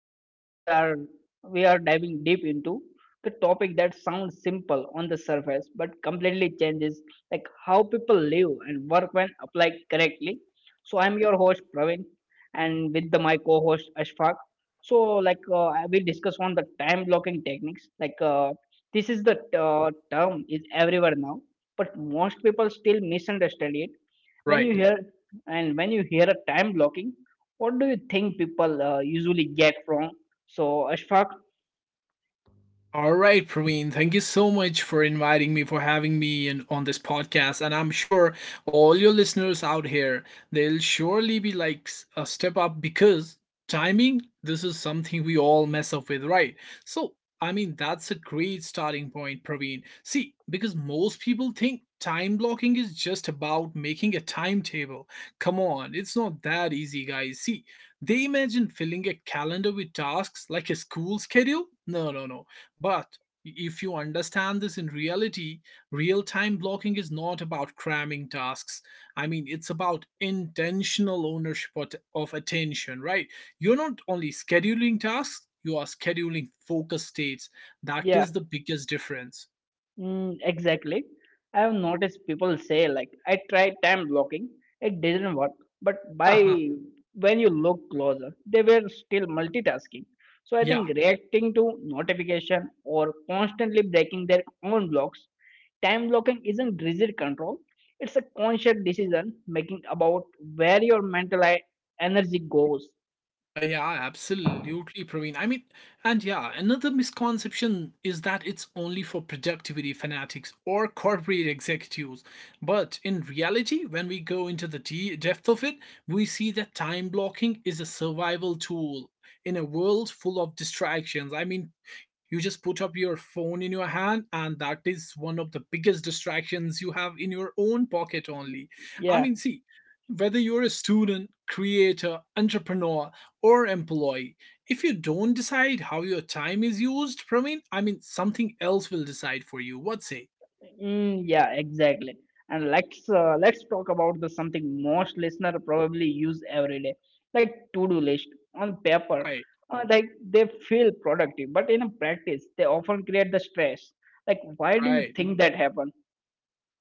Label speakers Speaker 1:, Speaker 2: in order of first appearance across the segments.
Speaker 1: episode. We are diving deep into the topic that sounds simple on the surface but completely changes, like, how people live and work when applied correctly. So I'm your host Praveen, and with the my co-host Ashfaq. So, like, I will discuss on the time blocking techniques. Like, this is the term is everywhere now, but most people still misunderstand it. When you
Speaker 2: Right.
Speaker 1: hear when you hear a time blocking, what do you think people usually get wrong? So, Ashfaq,
Speaker 2: All right, Praveen, thank you so much for inviting me, for having me in, on this podcast. And I'm sure all your listeners out here, they'll surely be like a step up because timing, this is something we all mess up with, right? So, I mean, that's a great starting point, Praveen. See, because most people think time blocking is just about making a timetable. Come on, it's not that easy, guys. See, they imagine filling a calendar with tasks like a school schedule. No, no, no. But if you understand this in reality, real time blocking is not about cramming tasks. I mean, it's about intentional ownership of attention, right? You're not only scheduling tasks, you are scheduling focus states. That
Speaker 1: yeah,
Speaker 2: is the biggest difference.
Speaker 1: mm, exactly. I have noticed people say, like, I tried time blocking, it didn't work, but
Speaker 2: Uh-huh.
Speaker 1: by when you look closer, they were still multitasking. So, I
Speaker 2: Yeah.
Speaker 1: think reacting to notification or constantly breaking their own blocks, time blocking isn't rigid control, it's a conscious decision making about where your mental energy goes.
Speaker 2: Yeah, absolutely, Praveen. I mean, and yeah, another misconception is that it's only for productivity fanatics or corporate executives. But in reality, when we go into the depth of it, we see that time blocking is a survival tool in a world full of distractions. I mean, you just put up your phone in your hand, and that is one of the biggest distractions you have in your own pocket only. I
Speaker 1: Yeah.
Speaker 2: mean, see, whether you're a student, creator, entrepreneur, or employee. If you don't decide how your time is used, Praveen, I mean, something else will decide for you. What say?
Speaker 1: Mm, yeah, exactly. And let's talk about the something most listener probably use every day, like to-do list on paper.
Speaker 2: Right,
Speaker 1: Like they feel productive, but in practice, they often create the stress. Like, why do you
Speaker 2: right.
Speaker 1: think that happened?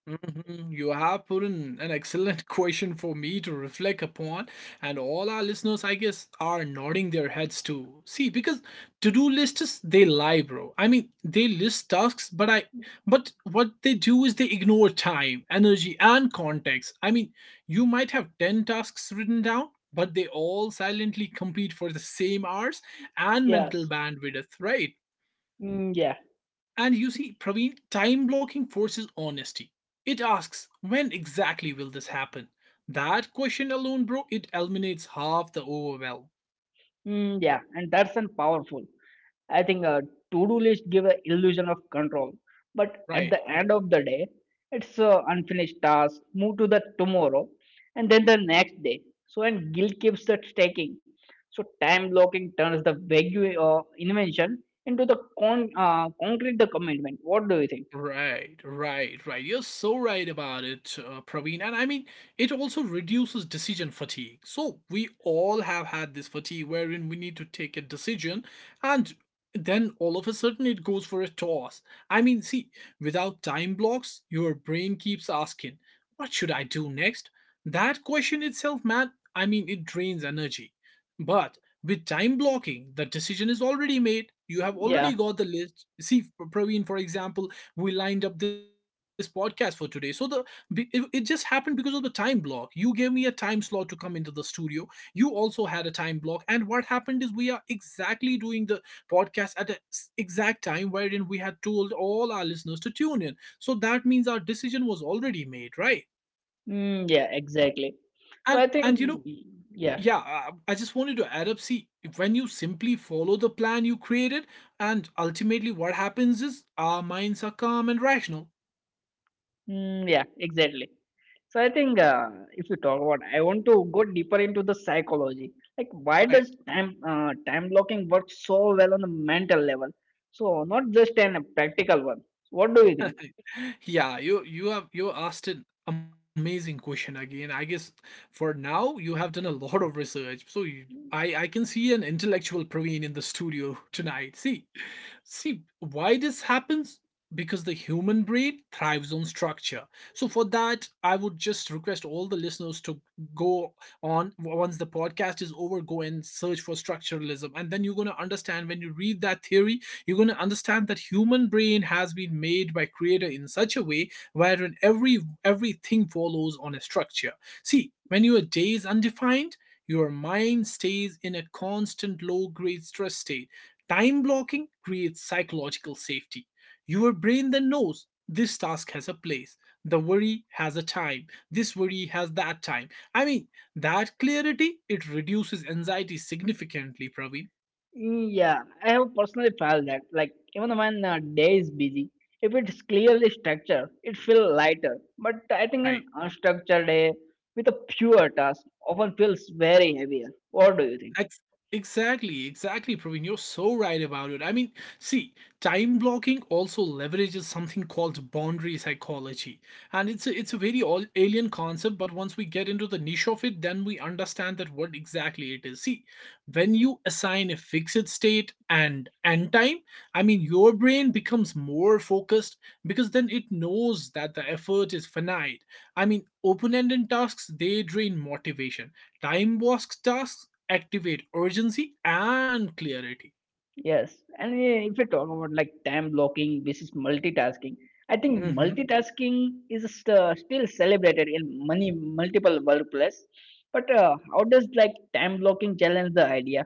Speaker 2: Mhm. You have put in an excellent question for me to reflect upon, and all our listeners, I guess, are nodding their heads too. See, because to-do lists they lie, bro. I mean, they list tasks, but what they do is they ignore time, energy, and context. I mean, you might have ten tasks written down, but they all silently compete for the same hours and mental
Speaker 1: Yes.
Speaker 2: bandwidth, right?
Speaker 1: Mm, yeah.
Speaker 2: And you see, Praveen, time blocking forces honesty. It asks, when exactly will this happen? That question alone, bro, it eliminates half the overwhelm,
Speaker 1: Mm, yeah. And that's an powerful. I think a to-do list give an illusion of control, but at
Speaker 2: right?
Speaker 1: the end of the day, it's a unfinished task. Move to the tomorrow, and then the next day. So and guilt keeps the stacking. So time blocking turns the vague invention into the concrete the commitment. What do you think?
Speaker 2: Right, right, right. You're so right about it, Praveen. And I mean, it also reduces decision fatigue. So we all have had this fatigue wherein we need to take a decision and then all of a sudden it goes for a toss. I mean, see, without time blocks, your brain keeps asking, what should I do next? That question itself, man, I mean, it drains energy. But with time blocking, the decision is already made. You have
Speaker 1: Yeah,
Speaker 2: already got the list. See, Praveen, for example, we lined up this podcast for today so it just happened because of the time block. You gave me a time slot to come into the studio, you also had a time block, and what happened is we are exactly doing the podcast at the exact time wherein we had told all our listeners to tune in. So that means our decision was already made, right?
Speaker 1: mm, yeah, exactly. So
Speaker 2: and
Speaker 1: I think,
Speaker 2: and you know,
Speaker 1: yeah.
Speaker 2: I just wanted to add up. See, when you simply follow the plan you created, and ultimately what happens is our minds are calm and rational,
Speaker 1: Mm, yeah, exactly. So I think, if you talk about, I want to go deeper into the psychology. Like, why
Speaker 2: right?
Speaker 1: does time blocking work so well on a mental level? So not just an a practical one. What do you think?
Speaker 2: Yeah, you asked an amazing question again. I guess for now you have done a lot of research. So you, i i can see an intellectual Praveen in the studio tonight. See, why this happens? Because the human brain thrives on structure. So, for that, I would just request all the listeners to go on, once the podcast is over, go and search for structuralism. And then you're going to understand when you read that theory, you're going to understand that human brain has been made by creator in such a way wherein everything follows on a structure. See, when your day is undefined, your mind stays in a constant low grade stress state. Time blocking creates psychological safety. Your brain then knows this task has a place, the worry has a time, this worry has that time. I mean, that clarity it reduces anxiety significantly, Praveen.
Speaker 1: Yeah, I have personally felt that. Like, even when a day is busy, if it's clearly structured, it feels lighter. But I think
Speaker 2: Right.
Speaker 1: an unstructured day with a pure task often feels very heavier. What do you think?
Speaker 2: Ex- Exactly, exactly, Praveen. You're so right about it. I mean, see, time blocking also leverages something called boundary psychology, and it's a very all alien concept. But once we get into the niche of it, then we understand that what exactly it is. See, when you assign a fixed state and end time, I mean, your brain becomes more focused because then it knows that the effort is finite. I mean, open-ended tasks they drain motivation. Time box tasks activate urgency and clarity.
Speaker 1: Yes, and if you talk about, like, time blocking versus multitasking, I think
Speaker 2: Mhm.
Speaker 1: multitasking is still celebrated in many multiple workplace. But how does, like, time blocking challenge the idea?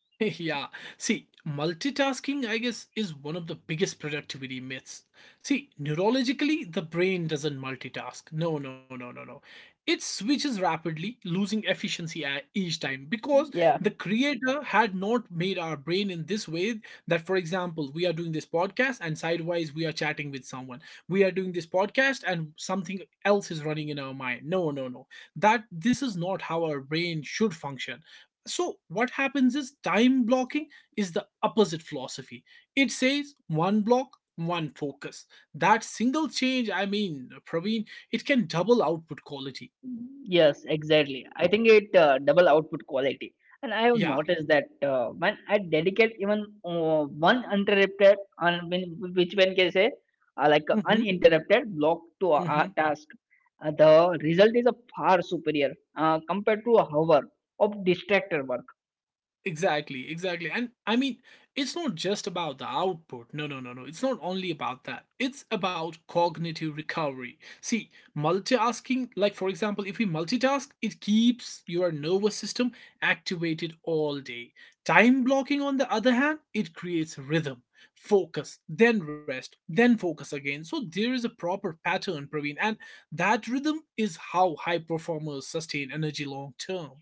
Speaker 2: Yeah. See, multitasking, I guess, is one of the biggest productivity myths. See, neurologically, the brain doesn't multitask. No, no, no, no, no. It switches rapidly, losing efficiency at each time, because
Speaker 1: Yeah.
Speaker 2: the creator had not made our brain in this way that, for example, we are doing this podcast and sidewise we are chatting with someone. We are doing this podcast and something else is running in our mind. No, no, no. That this is not how our brain should function. So what happens is time blocking is the opposite philosophy. It says one block, one focus. That single change, I mean, Praveen, it can double output quality.
Speaker 1: Yes, exactly. I think it double output quality, and I have
Speaker 2: Yeah.
Speaker 1: noticed that when I dedicate even one uninterrupted, which one can say, like, a
Speaker 2: Hmm.
Speaker 1: uninterrupted block to a task, the result is a far superior compared to a hour of distracted work.
Speaker 2: Exactly, exactly. And I mean, it's not just about the output. No, no, no, no. It's not only about that. It's about cognitive recovery. See, multitasking, like for example, if we multitask, it keeps your nervous system activated all day. Time blocking, on the other hand, it creates rhythm, focus, then rest, then focus again. So there is a proper pattern, Praveen. And that rhythm is how high performers sustain energy long term.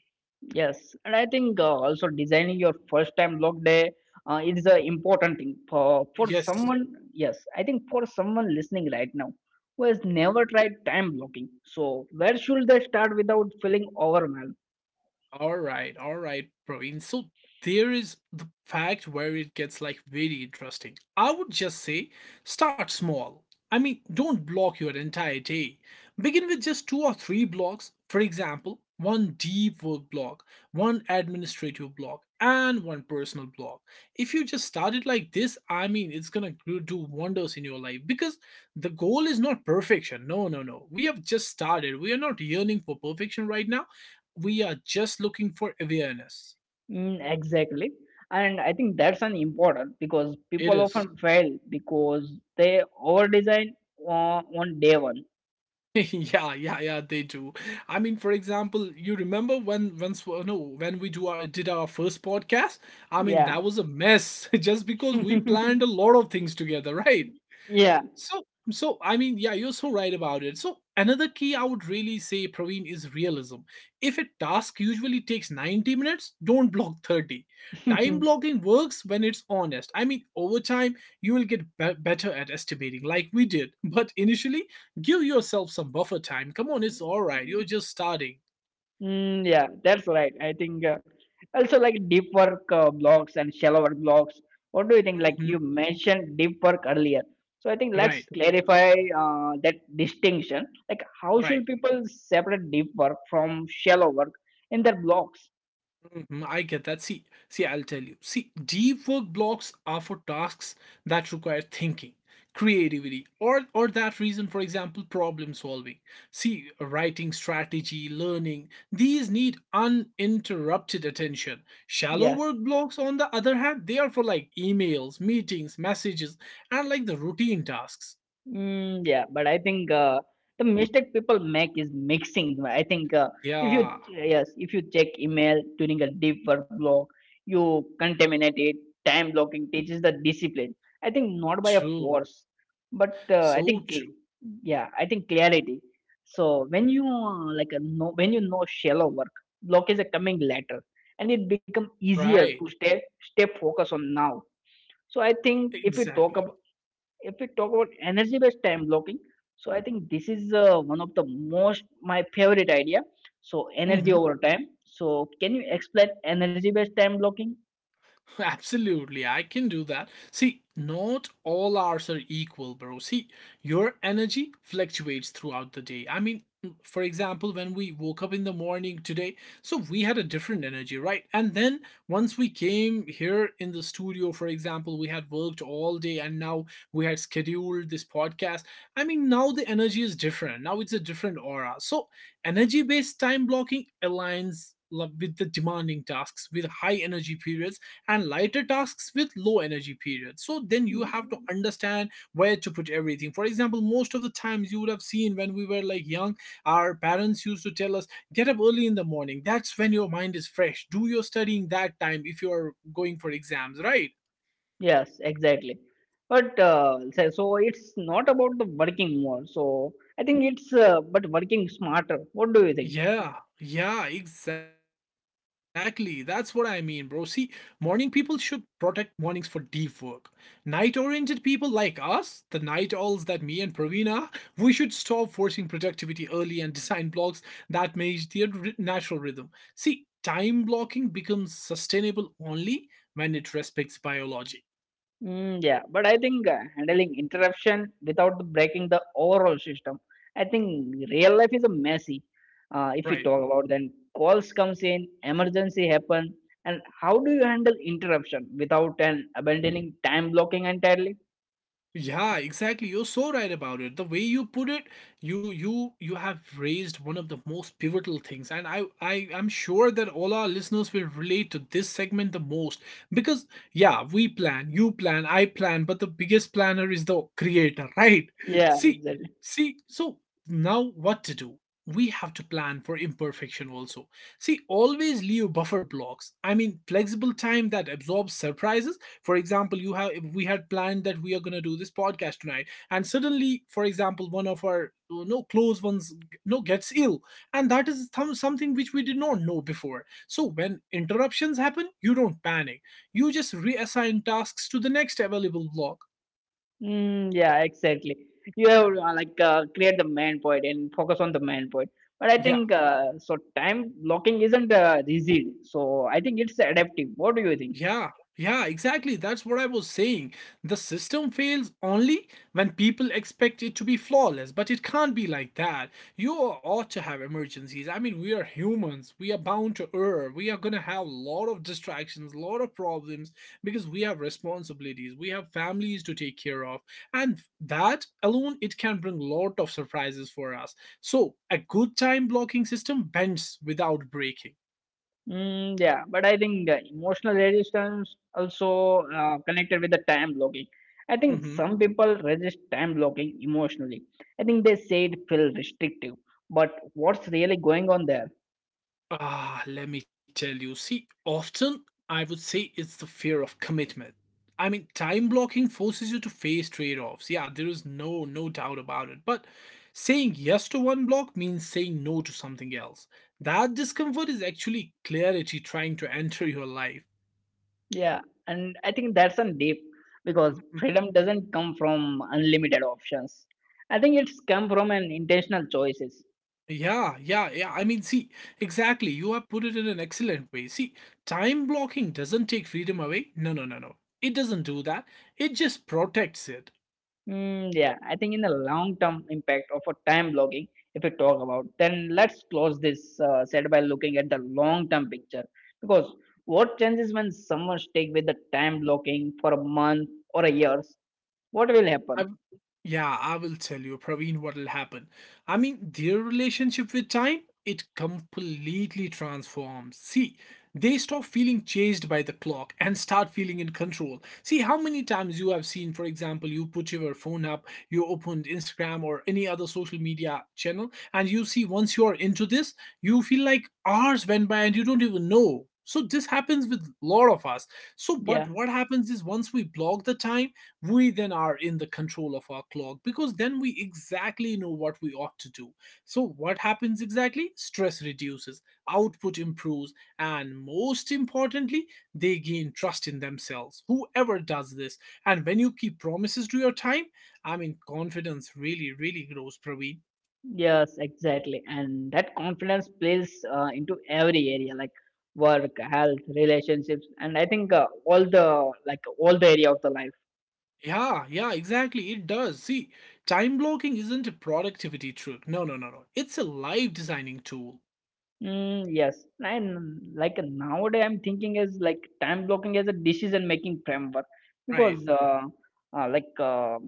Speaker 1: Yes, and I think also designing your first time log day is an important thing for
Speaker 2: Yes.
Speaker 1: someone. Yes, I think for someone listening right now who has never tried time blocking. So where should they start without feeling overwhelmed?
Speaker 2: All right, Praveen. So there is the fact where it gets like very interesting. I would just say start small. I mean, don't block your entire day. Begin with just two or three blocks. For example, one deep work block, one administrative block, and one personal block. If you just start it like this, I mean, it's gonna do wonders in your life because the goal is not perfection. No, no, no. We have just started. We are not yearning for perfection right now, we are just looking for awareness.
Speaker 1: Mm, exactly, and I think that's an important because
Speaker 2: It
Speaker 1: people
Speaker 2: is.
Speaker 1: often fail because they over design on day one.
Speaker 2: Yeah, yeah, yeah, they do. I mean, for example, you remember when once no, when we do our did our first podcast? I mean,
Speaker 1: Yeah,
Speaker 2: that was a mess. Just because we planned a lot of things together, right?
Speaker 1: yeah.
Speaker 2: So, so I mean, yeah, you're so right about it. So, another key I would really say, Praveen, is realism. If a task usually takes 90 minutes, don't block 30. Time blocking works when it's honest. I mean, over time, you will get better at estimating, like we did. But initially, give yourself some buffer time. Come on, it's all right. You're just starting.
Speaker 1: Mm, yeah, that's right. I think also, like, deep work blocks and shallow work blocks. What do you think? Like
Speaker 2: Hmm.
Speaker 1: you mentioned deep work earlier. So I think let's
Speaker 2: Right,
Speaker 1: clarify that distinction. Like, how
Speaker 2: right.
Speaker 1: should people separate deep work from shallow work in their blocks?
Speaker 2: Mhm, I get that. See, I'll tell you. See, deep work blocks are for tasks that require thinking, creativity, or that reason, for example, problem solving. See, writing strategy, learning, these need uninterrupted attention. Shallow
Speaker 1: Yeah.
Speaker 2: work blocks, on the other hand, they are for like emails, meetings, messages, and like the routine tasks.
Speaker 1: Mm, yeah, but I think the mistake people make is mixing. Right? I think if you
Speaker 2: Yeah,
Speaker 1: yes, if you check email during a deep work block, you contaminate it. Time blocking teaches the discipline. I think not by a
Speaker 2: true.
Speaker 1: force, but I
Speaker 2: So
Speaker 1: think
Speaker 2: true.
Speaker 1: yeah, I think clarity. So when you, like a know when you know shallow work, block is a coming later, and it become easier
Speaker 2: Right.
Speaker 1: to stay focused on now. So I think if we talk
Speaker 2: Exactly.
Speaker 1: about if we talk about energy based time blocking, so I think this is one of the most, my favorite idea. So energy
Speaker 2: Mhm.
Speaker 1: over time. So can you explain energy based time blocking?
Speaker 2: Absolutely, I can do that. See, not all hours are equal, bro. See, your energy fluctuates throughout the day. I mean, for example, when we woke up in the morning today, so we had a different energy, right? And then once we came here in the studio, for example, we had worked all day and now we had scheduled this podcast. I mean, now the energy is different. Now it's a different aura. So, energy based time blocking aligns with the demanding tasks with high energy periods and lighter tasks with low energy periods. So then you have to understand where to put everything. For example, most of the times you would have seen when we were like young, our parents used to tell us, get up early in the morning. That's when your mind is fresh. Do your studying that time if you are going for exams, right?
Speaker 1: Yes, exactly. But so it's not about the working more. So I think it's, but working smarter. What do you think?
Speaker 2: Yeah, yeah, exactly. That's what I mean, bro. See, morning people should protect mornings for deep work. Night oriented people like us, the night owls that me and Praveen are, we should stop forcing productivity early and design blocks that match their natural rhythm. See, time blocking becomes sustainable only when it respects biology,
Speaker 1: Mm, yeah, but I think handling interruption without breaking the overall system. I think real life is a messy. If we
Speaker 2: right?
Speaker 1: talk about, then calls comes in, emergency happen, and how do you handle interruption without an abandoning time blocking entirely?
Speaker 2: Yeah, exactly. You're so right about it. The way you put it, you have raised one of the most pivotal things, and I am sure that all our listeners will relate to this segment the most because yeah, we plan, you plan, I plan, but the biggest planner is the creator, right?
Speaker 1: Yeah,
Speaker 2: See,
Speaker 1: exactly.
Speaker 2: see, so now what to do? We have to plan for imperfection also. See, always leave buffer blocks. I mean, flexible time that absorbs surprises. For example, you have we had planned that we are going to do this podcast tonight. And suddenly, for example, one of our you no know, close ones no gets ill. And that is something which we did not know before. So when interruptions happen, you don't panic. You just reassign tasks to the next available block.
Speaker 1: Mm, yeah, exactly. You have, like, create the main point and focus on the main point. But I
Speaker 2: Yeah,
Speaker 1: think so. Time blocking isn't rigid, so I think it's adaptive. What do you think?
Speaker 2: yeah, yeah, exactly. That's what I was saying. The system fails only when people expect it to be flawless, but it can't be like that. You ought to have emergencies. I mean, we are humans. We are bound to err. We are going to have a lot of distractions, a lot of problems because we have responsibilities. We have families to take care of. And that alone, it can bring a lot of surprises for us. So, a good time blocking system bends without breaking.
Speaker 1: Mm, yeah, but I think emotional resistance also connected with the time blocking. I think
Speaker 2: Mhm.
Speaker 1: some people resist time blocking emotionally. I think they say it feels restrictive, but what's really going on there?
Speaker 2: Ah, let me tell you. See, often I would say it's the fear of commitment. I mean, time blocking forces you to face trade offs. Yeah, there is no doubt about it. But saying yes to one block means saying no to something else. That discomfort is actually clarity trying to enter your life.
Speaker 1: Yeah, and I think that's a deep, because
Speaker 2: Mm,
Speaker 1: freedom doesn't come from unlimited options. I think it's come from an intentional choices.
Speaker 2: yeah, yeah, yeah. I mean, see, exactly. You have put it in an excellent way. See, time blocking doesn't take freedom away. No, no, no, no. It doesn't do that. It just protects it.
Speaker 1: Mm, yeah, I think in the long term impact of a time blogging, if we talk about, then let's close this set by looking at the long term picture. Because what changes when someone stick with the time blocking for a month or a years? What will happen?
Speaker 2: Yeah, I will tell you, Praveen, what will happen. I mean, their relationship with time, it completely transforms. See, they stop feeling chased by the clock and start feeling in control. See, how many times you have seen, for example, you put your phone up, you opened Instagram or any other social media channel, and you see once you are into this, you feel like hours went by and you don't even know. So this happens with a lot of us. So, but
Speaker 1: Yeah,
Speaker 2: what happens is once we block the time, we then are in the control of our clock because then we exactly know what we ought to do. So, what happens exactly? Stress reduces, output improves, and most importantly, they gain trust in themselves. Whoever does this, and when you keep promises to your time, I mean, confidence really, really grows, Praveen.
Speaker 1: yes, exactly. And that confidence plays into every area, like work, health, relationships, and I think all the area of the life.
Speaker 2: Yeah, yeah, exactly. It does. See, time blocking isn't a productivity trick. No, no, no, no. It's a life designing tool,
Speaker 1: Mm, yes, and, like, nowadays, I'm thinking is like time blocking as a decision making framework
Speaker 2: right?
Speaker 1: because like,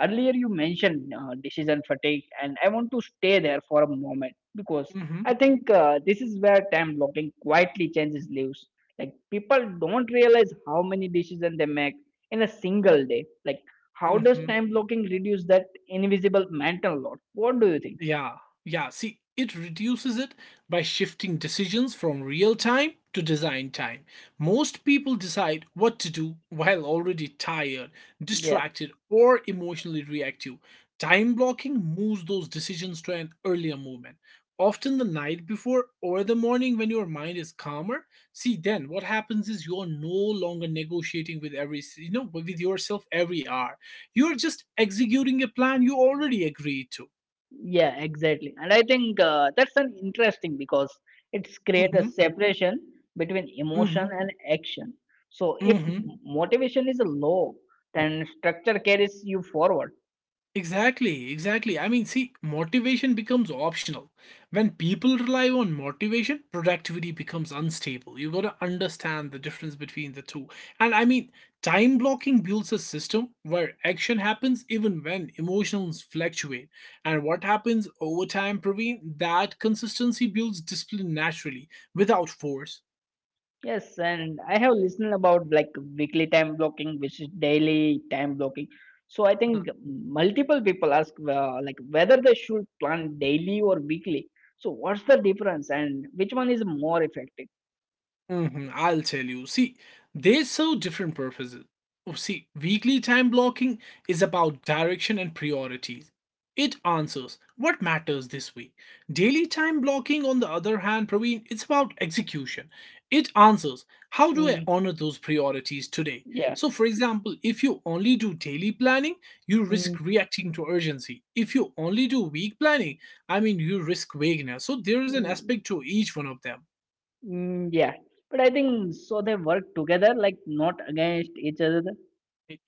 Speaker 1: earlier you mentioned decision fatigue, and I want to stay there for a moment because
Speaker 2: Mm hmm.
Speaker 1: I think this is where time blocking quietly changes lives. Like, people don't realize how many decisions they make in a single day. Like, how
Speaker 2: Mm
Speaker 1: does
Speaker 2: hmm.
Speaker 1: time blocking reduce that invisible mental load? What do you think?
Speaker 2: Yeah, yeah. See, it reduces it by shifting decisions from real time to design time. Most people decide what to do while already tired,
Speaker 1: Yeah.
Speaker 2: distracted, or emotionally reactive. Time blocking moves those decisions to an earlier moment, often the night before or the morning when your mind is calmer. See, then what happens is you're no longer negotiating with every, with yourself every hour. You're just executing a plan you already agreed to.
Speaker 1: Yeah, exactly. And I think that's an interesting because it's create a
Speaker 2: Mm-hmm.
Speaker 1: separation between
Speaker 2: Mm-hmm.
Speaker 1: emotion and action. So if
Speaker 2: Mm-hmm.
Speaker 1: motivation is low, then structure carries you forward.
Speaker 2: Exactly. Exactly. I mean, see, motivation becomes optional. When people rely on motivation, productivity becomes unstable. You got to understand the difference between the two. And I mean, time blocking builds a system where action happens even when emotions fluctuate. And what happens over time, Praveen, that consistency builds discipline naturally without force.
Speaker 1: Yes, and I have listened about, like, weekly time blocking, which is daily time blocking. So I think multiple people ask, like, whether they should plan daily or weekly. So what's the difference, and which one is more effective?
Speaker 2: Mhm, I'll tell you. See, they serve different purposes. Oh, see, weekly time blocking is about direction and priorities. It answers what matters this week. Daily time blocking, on the other hand, Praveen, it's about execution. It answers how do I
Speaker 1: Mm,
Speaker 2: honor those priorities today?
Speaker 1: yeah.
Speaker 2: So, for example, if you only do daily planning, you risk
Speaker 1: Mm.
Speaker 2: reacting to urgency. If you only do week planning, I mean, you risk vagueness. So, there is an
Speaker 1: Mm.
Speaker 2: aspect to each one of them.
Speaker 1: Mm, yeah, but I think so they work together, like not against each other.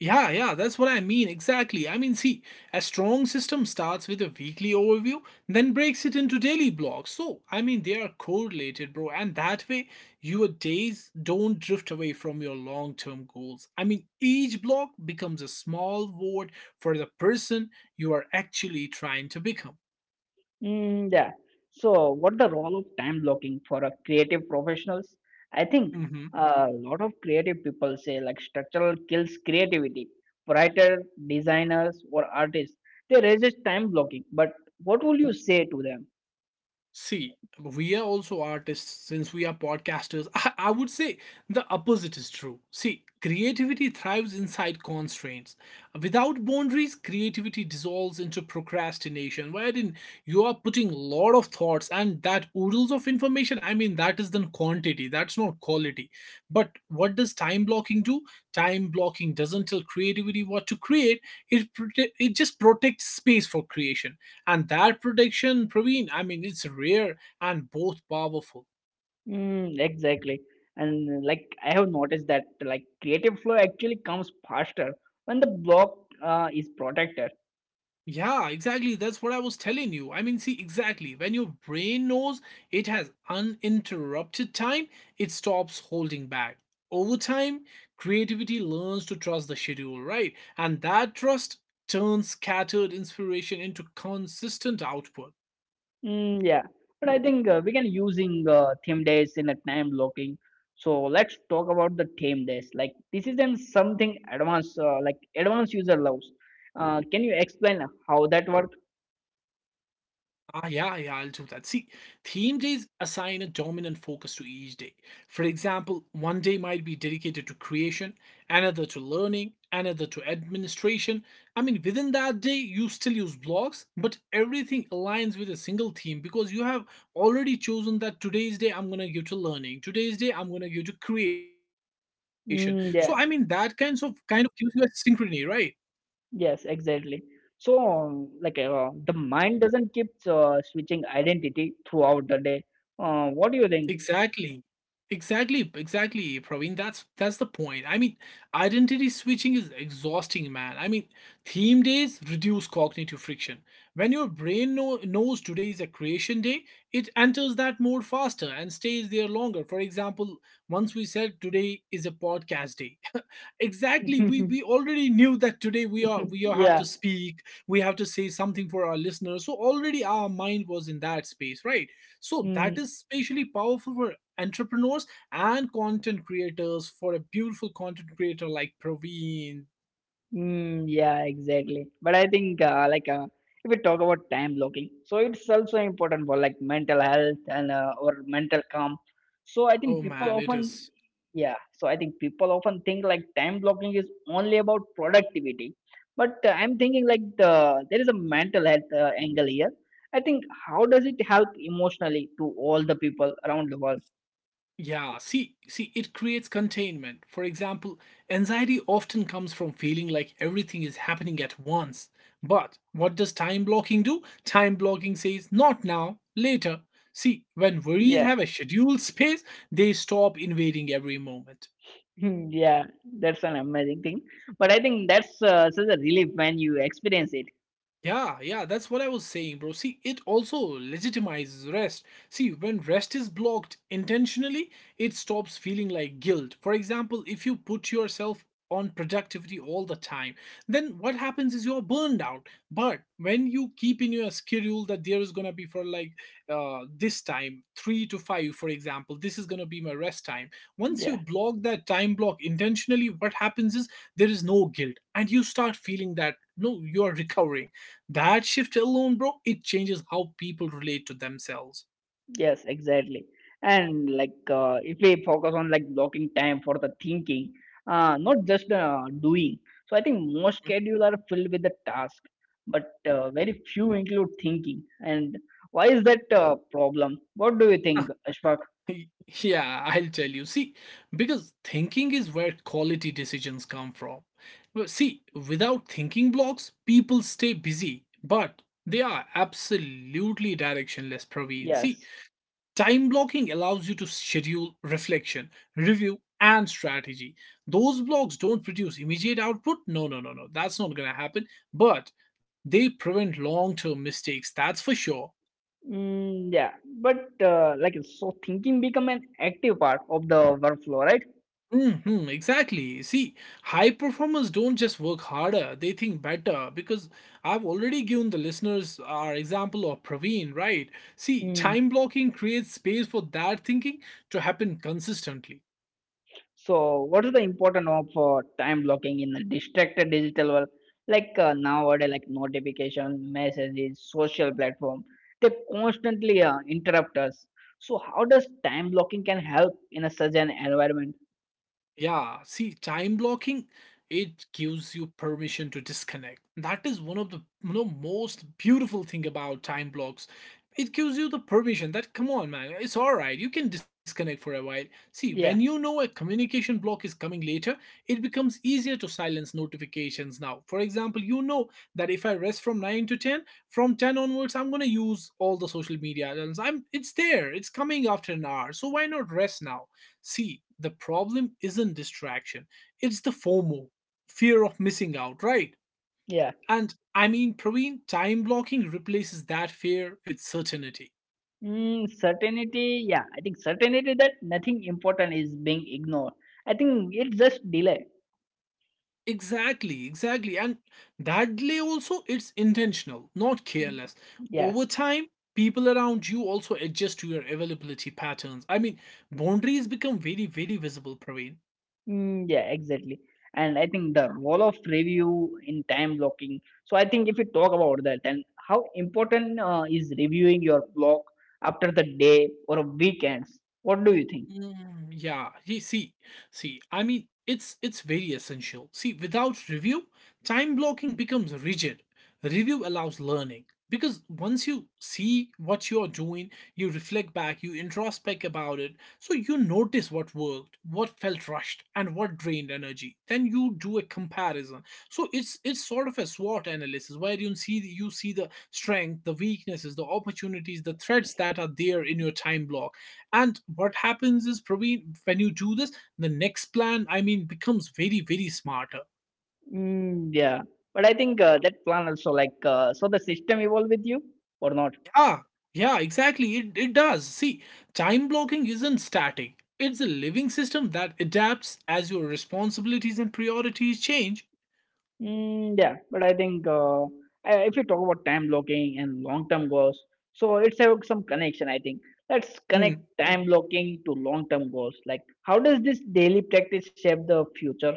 Speaker 2: Yeah, yeah, that's what I mean. Exactly. I mean, see, a strong system starts with a weekly overview, then breaks it into daily blocks. So, I mean, they are correlated, bro. And that way, your days don't drift away from your long term goals. I mean, each block becomes a small vote for the person you are actually trying to become.
Speaker 1: Mm, yeah. So what the role of time blocking for a creative professionals? I think a lot of creative people say, like, structural kills creativity. Writer, designers, or artists, they resist time blocking. But what will you say to them?
Speaker 2: See, we are also artists since we are podcasters. I would say the opposite is true. See, creativity thrives inside constraints. Without boundaries, creativity dissolves into procrastination, wherein you are putting lot of thoughts and that oodles of information. I mean, that is then quantity, that's not quality. But what does time blocking do? Time blocking doesn't tell creativity what to create, it just protects space for creation and that protection, Praveen, I mean, it's rare and both powerful.
Speaker 1: Mm, exactly. And, like, I have noticed that, like, creative flow actually comes faster when the block is protected.
Speaker 2: Yeah, exactly. That's what I was telling you. I mean, see, exactly. When your brain knows it has uninterrupted time, it stops holding back. Over time, creativity learns to trust the schedule, right? And that trust turns scattered inspiration into consistent output.
Speaker 1: Mm, yeah, but I think we can using theme days in a time blocking. So let's talk about the theme days. Like, this isn't something advanced, like, advanced user loves. Can you explain how that works?
Speaker 2: Ah, yeah, yeah, I'll do that. See, theme days assign a dominant focus to each day. For example, one day might be dedicated to creation, another to learning, another to administration. I mean, within that day, you still use blocks, but everything aligns with a single theme because you have already chosen that today's day I'm gonna give to learning, today's day I'm gonna give to creation. So, I mean, that kinds
Speaker 1: Mm,
Speaker 2: of
Speaker 1: yeah,
Speaker 2: kind of gives you a synchrony, right?
Speaker 1: yes, exactly. So like, the mind doesn't keep switching identity throughout the day. What do you
Speaker 2: Exactly. Exactly, exactly, Praveen. That's the point. I mean, identity switching is exhausting, man. I mean, theme days reduce cognitive friction. When your knows today is a creation day, it enters that mode faster and stays there longer. For example, once we said today is a podcast day. Exactly, we
Speaker 1: think?
Speaker 2: we already knew that today we are have to
Speaker 1: Yeah.
Speaker 2: speak, we have to say something for our listeners. So already our mind was in that space, right? So that is especially powerful for entrepreneurs and content creators. For a beautiful content creator like Praveen,
Speaker 1: Mm, yeah, exactly. But I think like, if we talk about time blocking, so it's also important for, like, mental health and or mental calm. So I
Speaker 2: oh
Speaker 1: think people
Speaker 2: man, it
Speaker 1: often,
Speaker 2: is.
Speaker 1: yeah. So I think people often think, like, time blocking is only about productivity, but I'm thinking, like, there is a mental health angle here. I think how does it help emotionally to all the people around the world?
Speaker 2: Yeah, see, it creates containment. For example, anxiety often comes from feeling like everything is happening at once. But what does time blocking do? Time blocking says not now, later. See, when worries
Speaker 1: Yeah.
Speaker 2: have a scheduled space, they stop invading every moment.
Speaker 1: Hmm. Yeah, that's an amazing thing. But I think that's such a relief when you experience it.
Speaker 2: Yeah, yeah, that's what I was saying, bro. See, it also legitimizes rest. See, when rest is blocked intentionally, it stops feeling like guilt. For example, if you put yourself on productivity all the time, then what happens is you're burned out. But when you keep in your schedule that there is gonna be for this time, three to five, for example, this is gonna be my rest time. Once
Speaker 1: Yeah.
Speaker 2: you block that time block intentionally, what happens is there is no guilt, and you start feeling that no, you are recovering that shift alone, bro, it changes how people relate to themselves.
Speaker 1: Yes, exactly. And, like, if we focus on, like, blocking time for the thinking, not just doing. So I think most
Speaker 2: Mm.
Speaker 1: schedules are filled with the task, but very few include thinking. And why is that problem? What do you think, Ashfaq?
Speaker 2: Y- Yeah, I'll tell you. See, because thinking is where quality decisions come from. Well, see, without thinking blocks, people stay busy, but they are absolutely directionless, Praveen. See,
Speaker 1: Yes.
Speaker 2: time blocking allows you to schedule reflection, review, and strategy. Those blocks don't produce immediate output. No, no, no, no. That's not going to happen. But they prevent long term mistakes. That's for sure.
Speaker 1: Mm, yeah. But like, so thinking become an active part of the workflow,
Speaker 2: Exactly. See, high performers don't just work harder, they think better. Because I've already given the listeners our example of Praveen, right? See,
Speaker 1: right?
Speaker 2: time blocking creates space for that thinking to happen consistently.
Speaker 1: So, what is the importance of time blocking in a distracted digital world? Like, nowadays, like, notification, messages, social platform, they constantly interrupt us. So, how does time blocking can help in a such an environment?
Speaker 2: Yeah, see, time blocking, it gives you permission to disconnect. That is one of the most beautiful thing about time blocks. It gives you the permission that come on, man, it's all right. You can disconnect for a while. See, when you
Speaker 1: Yeah,
Speaker 2: know a communication block is coming later, it becomes easier to silence notifications now. For example, you know that if I rest from 9 to 10, from 10 onwards, I'm gonna use all the social media. And I'm it's there, it's coming after an hour. So why not rest now? See, the problem isn't distraction, it's the FOMO, fear of missing out, right?
Speaker 1: yeah.
Speaker 2: And I mean, Praveen, time blocking replaces that fear with certainty.
Speaker 1: Mm, certainty, yeah. I think certainty that nothing important is being ignored. I think it's just delay.
Speaker 2: Exactly, exactly. And that delay also, it's intentional, not careless.
Speaker 1: Yeah.
Speaker 2: Over time, people around you also adjust to your availability patterns. I mean, boundaries become very, very visible, Praveen.
Speaker 1: Mm, yeah, exactly. And I think the role of review in time blocking. So I think if we talk about that and how important is reviewing your block after the day or weekends, what do you think?
Speaker 2: Mm, yeah, you see, I mean, it's very essential. See, without review, time blocking becomes rigid. Review allows learning because once you see what you are doing, you reflect back, you introspect about it, so you notice what worked, what felt rushed, and what drained energy. Then you do a comparison. So it's sort of a SWOT analysis where you see the strength, the weaknesses, the opportunities, the threats that are there in your time block and what happens is, Praveen, when you do this, the next plan, I mean, becomes very, very smarter.
Speaker 1: Mm, yeah, but I think that plan also, like, so the system evolve with you or not?
Speaker 2: Yeah, yeah, exactly. It does. See, time blocking isn't static, it's a living system that adapts as your responsibilities and priorities change.
Speaker 1: Mm, yeah, but I think if you talk about time blocking and long-term goals, so it's have some connection. I think let's connect time blocking to long-term goals. Like, how does this daily practice shape the future?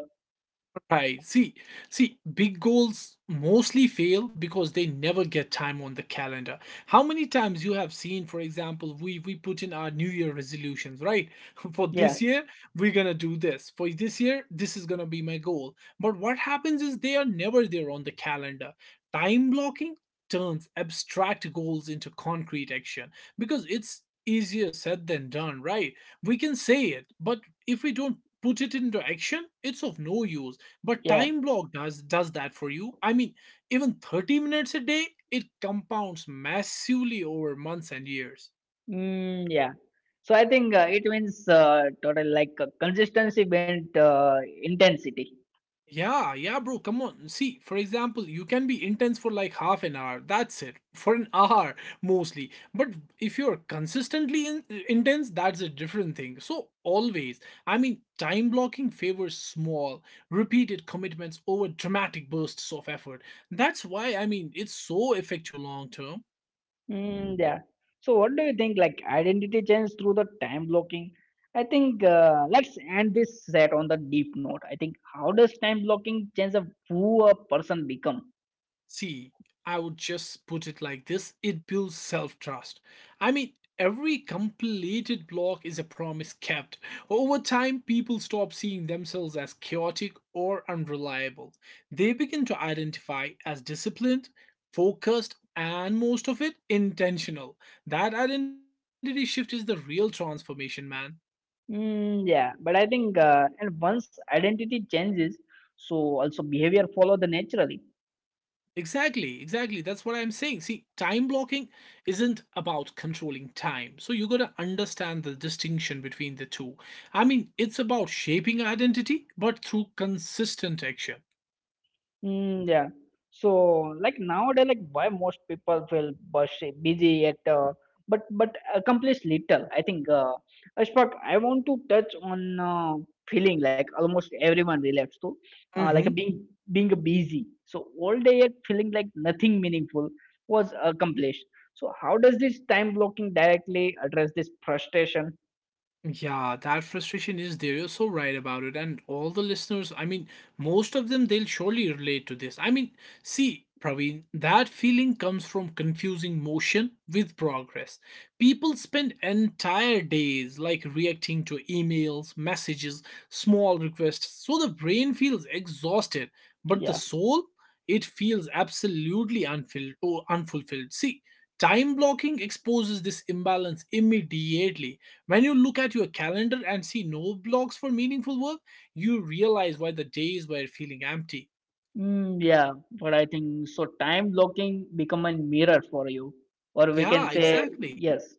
Speaker 2: Right. See, big goals mostly fail because they never get time on the calendar. How many times you have seen, for example, we put in our New Year resolutions, right? For
Speaker 1: Yeah,
Speaker 2: this year, we're gonna do this. For this year, this is gonna be my goal. But what happens is they are never there on the calendar. Time blocking turns abstract goals into concrete action because it's easier said than done, right? We can say it, but if we don't put it into action, it's of no use. But
Speaker 1: yeah,
Speaker 2: time block does that for you. I mean, even 30 minutes a day, it compounds massively over months and years.
Speaker 1: mm, yeah. So I think it means total consistency meant intensity.
Speaker 2: Yeah, yeah, bro, come on. See, for example, you can be intense for like half an hour. That's it. For an hour mostly. But if you're consistently intense, that's a different thing. So, always, I mean, time blocking favors small, repeated commitments over dramatic bursts of effort. That's why, I mean, it's so effective long term.
Speaker 1: Mm, yeah. So, what do you think? Like identity change through the time blocking. I think let's end this set on the deep note. I think how does time blocking change the who a person become?
Speaker 2: See, I would just put it like this, it builds self trust. I mean, every completed block is a promise kept. Over time, people stop seeing themselves as chaotic or unreliable. They begin to identify as disciplined, focused, and most of it intentional. That identity shift is the real transformation, man.
Speaker 1: Mm, yeah. But I think and once identity changes, so also behavior follow the naturally.
Speaker 2: Exactly, exactly. That's what I'm saying. See, time blocking isn't about controlling time. So you got to understand the distinction between the two. I mean, it's about shaping identity, but through consistent action.
Speaker 1: Mm, yeah. So like nowadays, like why most people feel busy, busy at but accomplish little. I think Ashfaq, I want to touch on feeling like almost everyone relates to like a being being busy. So all day yet feeling like nothing meaningful was accomplished. So how does this time blocking directly address this frustration?
Speaker 2: Yeah, that frustration is there. You're so right about it. And all the listeners, I mean, most of them, they'll surely relate to this. I mean, see, Praveen, that feeling comes from confusing motion with progress. People spend entire days like reacting to emails, messages, small requests. So the brain feels exhausted, but the
Speaker 1: Yes.
Speaker 2: soul, it feels absolutely unfilled or unfulfilled. See, time blocking exposes this imbalance immediately. When you look at your calendar and see no blocks for meaningful work, you realize why the days were feeling empty.
Speaker 1: Mm, yeah, but I think so. Time blocking become a mirror for you, or we can
Speaker 2: Yeah,
Speaker 1: say
Speaker 2: exactly.
Speaker 1: yes,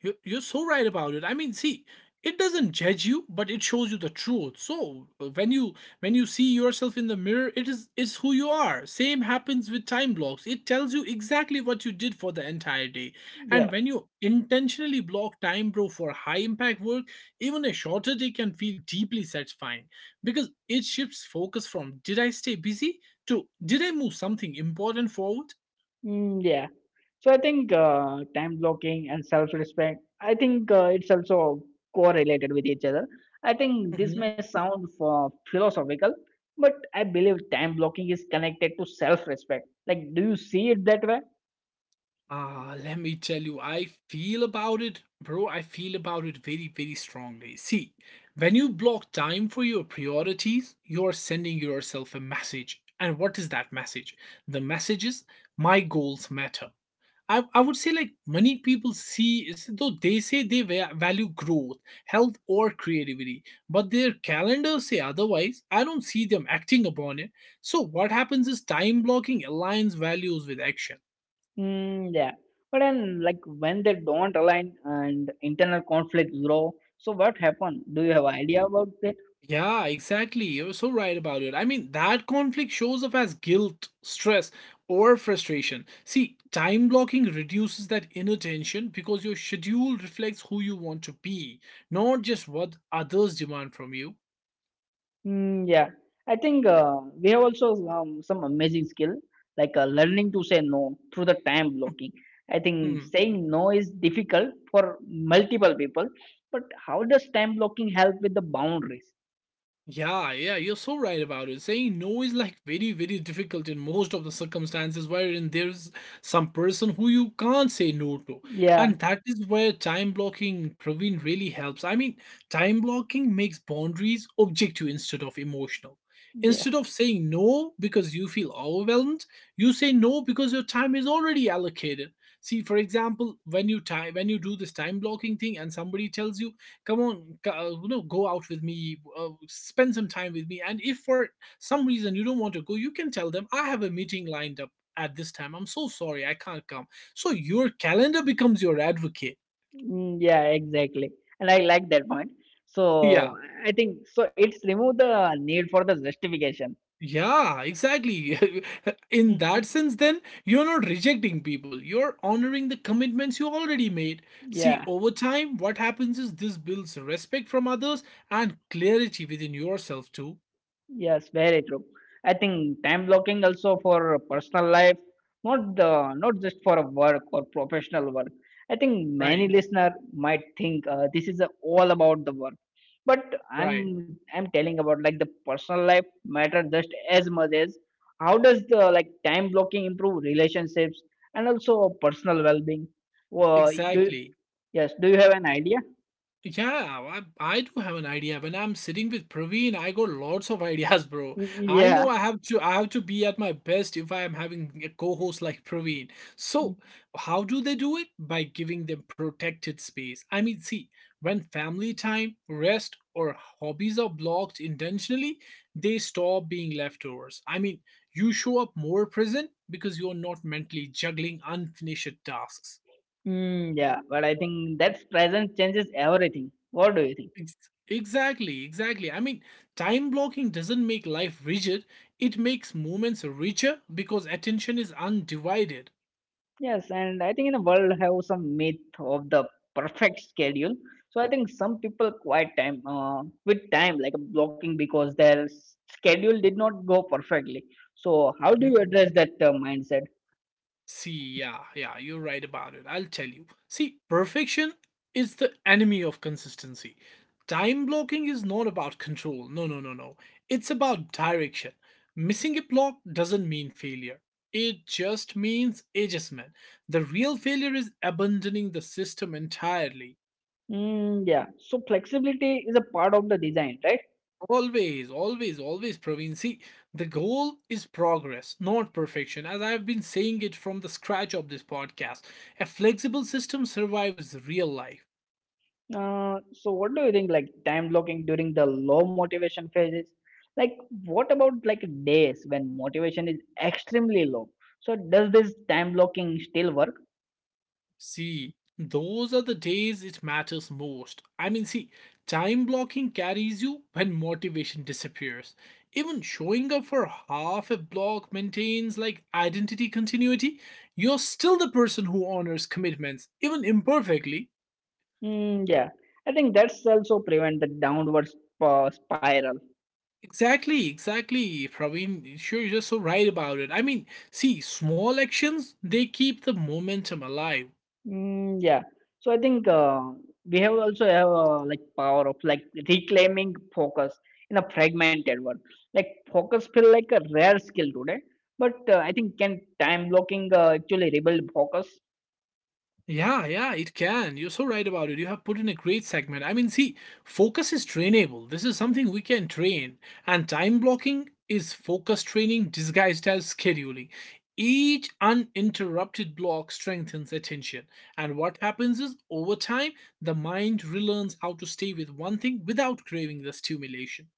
Speaker 2: You're so right about it. I mean, see, it doesn't judge you, but it shows you the truth. So when you see yourself in the mirror, it is who you are. Same happens with time blocks. It tells you exactly what you did for the entire day. And
Speaker 1: yeah,
Speaker 2: when you intentionally block time, bro, for high impact work, even a shorter day can feel deeply satisfying because it shifts focus from did I stay busy to did I move something important forward.
Speaker 1: mm, yeah. So I think time blocking and self-respect. I think it's also correlated with each other. I think this may sound for philosophical, but I believe time blocking is connected to self-respect. Like, do you see it that way?
Speaker 2: Ah, let me tell you, I feel about it, bro. I feel about it very, very strongly. See, when you block time for your priorities, you're sending yourself a message. And what is that message? The message is, my goals matter. I would say, like, many people see, though they say they value growth, health, or creativity, but their calendars say otherwise. I don't see them acting upon it. So, what happens is time blocking aligns values with action.
Speaker 1: Mm, yeah. But then, like, when they don't align and internal conflicts grow, so what happened? Do you have idea about that?
Speaker 2: Yeah, exactly. You're so right about it. I mean, that conflict shows up as guilt, stress, or frustration. See, time blocking reduces that inner tension because your schedule reflects who you want to be, not just what others demand from you.
Speaker 1: Mm, yeah. I think we have also some amazing skill, learning to say no through the time blocking. I think
Speaker 2: Hmm.
Speaker 1: saying no is difficult for multiple people, but how does time blocking help with the boundaries?
Speaker 2: Yeah, yeah, you're so right about it. Saying no is like very, very difficult in most of the circumstances wherein there's some person who you can't say no to.
Speaker 1: Yeah.
Speaker 2: And that is where time blocking, Praveen, really helps. I mean, time blocking makes boundaries objective instead of emotional.
Speaker 1: Yeah.
Speaker 2: Instead of saying no because you feel overwhelmed, you say no because your time is already allocated. See, for example, when you time when you do this time blocking thing and somebody tells you, come on go, you go out with me spend some time with me, and if for some reason you don't want to go, you can tell them, I have a meeting lined up at this time, I'm so sorry I can't come. So your calendar becomes your advocate.
Speaker 1: Mm, yeah, exactly. And I like that point.
Speaker 2: Yeah,
Speaker 1: So I think so it's remove the need for the justification.
Speaker 2: yeah, exactly. In that sense, then you're not rejecting people, you're honoring the commitments you already made. See,
Speaker 1: Yeah.
Speaker 2: over time what happens is this builds respect from others and clarity within yourself too.
Speaker 1: Yes, very true. I think time blocking also for personal life, not just for work or professional work. I think
Speaker 2: right
Speaker 1: many listener might think this is all about the work, but
Speaker 2: right
Speaker 1: I'm telling about like the personal life matter just as much as how does the like time blocking improve relationships and also personal well being? Do
Speaker 2: Exactly.
Speaker 1: Yes, do you have an idea?
Speaker 2: Yeah, I do have an idea. When I'm sitting with Praveen, I got lots of ideas, bro. I
Speaker 1: Yeah.
Speaker 2: know I have to be at my best if I am having a co-host like Praveen. So, how do they do it? By giving them protected space. I mean, see, when family time, rest, or hobbies are blocked intentionally, they stop being leftovers. I mean, you show up more present because you're not mentally juggling unfinished tasks.
Speaker 1: Mm, yeah, but I think that's presence changes everything. What do you think?
Speaker 2: Ex- Exactly, exactly. I mean, time blocking doesn't make life rigid, it makes moments richer because attention is undivided.
Speaker 1: Yes, and I think in the world have some myth of the perfect schedule. So I think some people quite time with time like blocking because schedule did not go perfectly. So how do
Speaker 2: Mhm.
Speaker 1: you address that mindset?
Speaker 2: See, yeah, yeah, you're right about it. I'll tell you. See, perfection is the enemy of consistency. Time blocking is not about control. No, no, no, no. It's about direction. Missing a block doesn't mean failure. It just means adjustment. The real failure is abandoning the system entirely.
Speaker 1: Mm, yeah, so flexibility is a part of the design, right?
Speaker 2: Always, always, always, Praveen. See, the goal is progress, not perfection, as I've been saying it from the scratch of this podcast. A flexible system survives real life.
Speaker 1: So what do you think like time blocking during the low motivation phases? Like what about like days when motivation is extremely low? So does this time blocking still work?
Speaker 2: See, those are the days it matters most. I mean, see, time blocking carries you when motivation disappears. Even showing up for half a block maintains like identity continuity. You're still the person who honors commitments, even imperfectly.
Speaker 1: Mm, yeah, I think that's also prevent the downward spiral.
Speaker 2: Exactly, exactly, Praveen. Sure, you're so right about it. I mean, see, small actions, they keep the momentum alive.
Speaker 1: Mm, yeah, so I think we have also have like power of like reclaiming focus in a fragmented world. Like focus feel like a rare skill today. But I think can time blocking actually rebuild focus?
Speaker 2: Yeah, yeah, it can. You're so right about it. You have put in a great segment. I mean, see, focus is trainable. This is something we can train. And time blocking is focus training disguised as scheduling. Each uninterrupted block strengthens attention. And what happens is, over time, the mind relearns how to stay with one thing without craving the stimulation.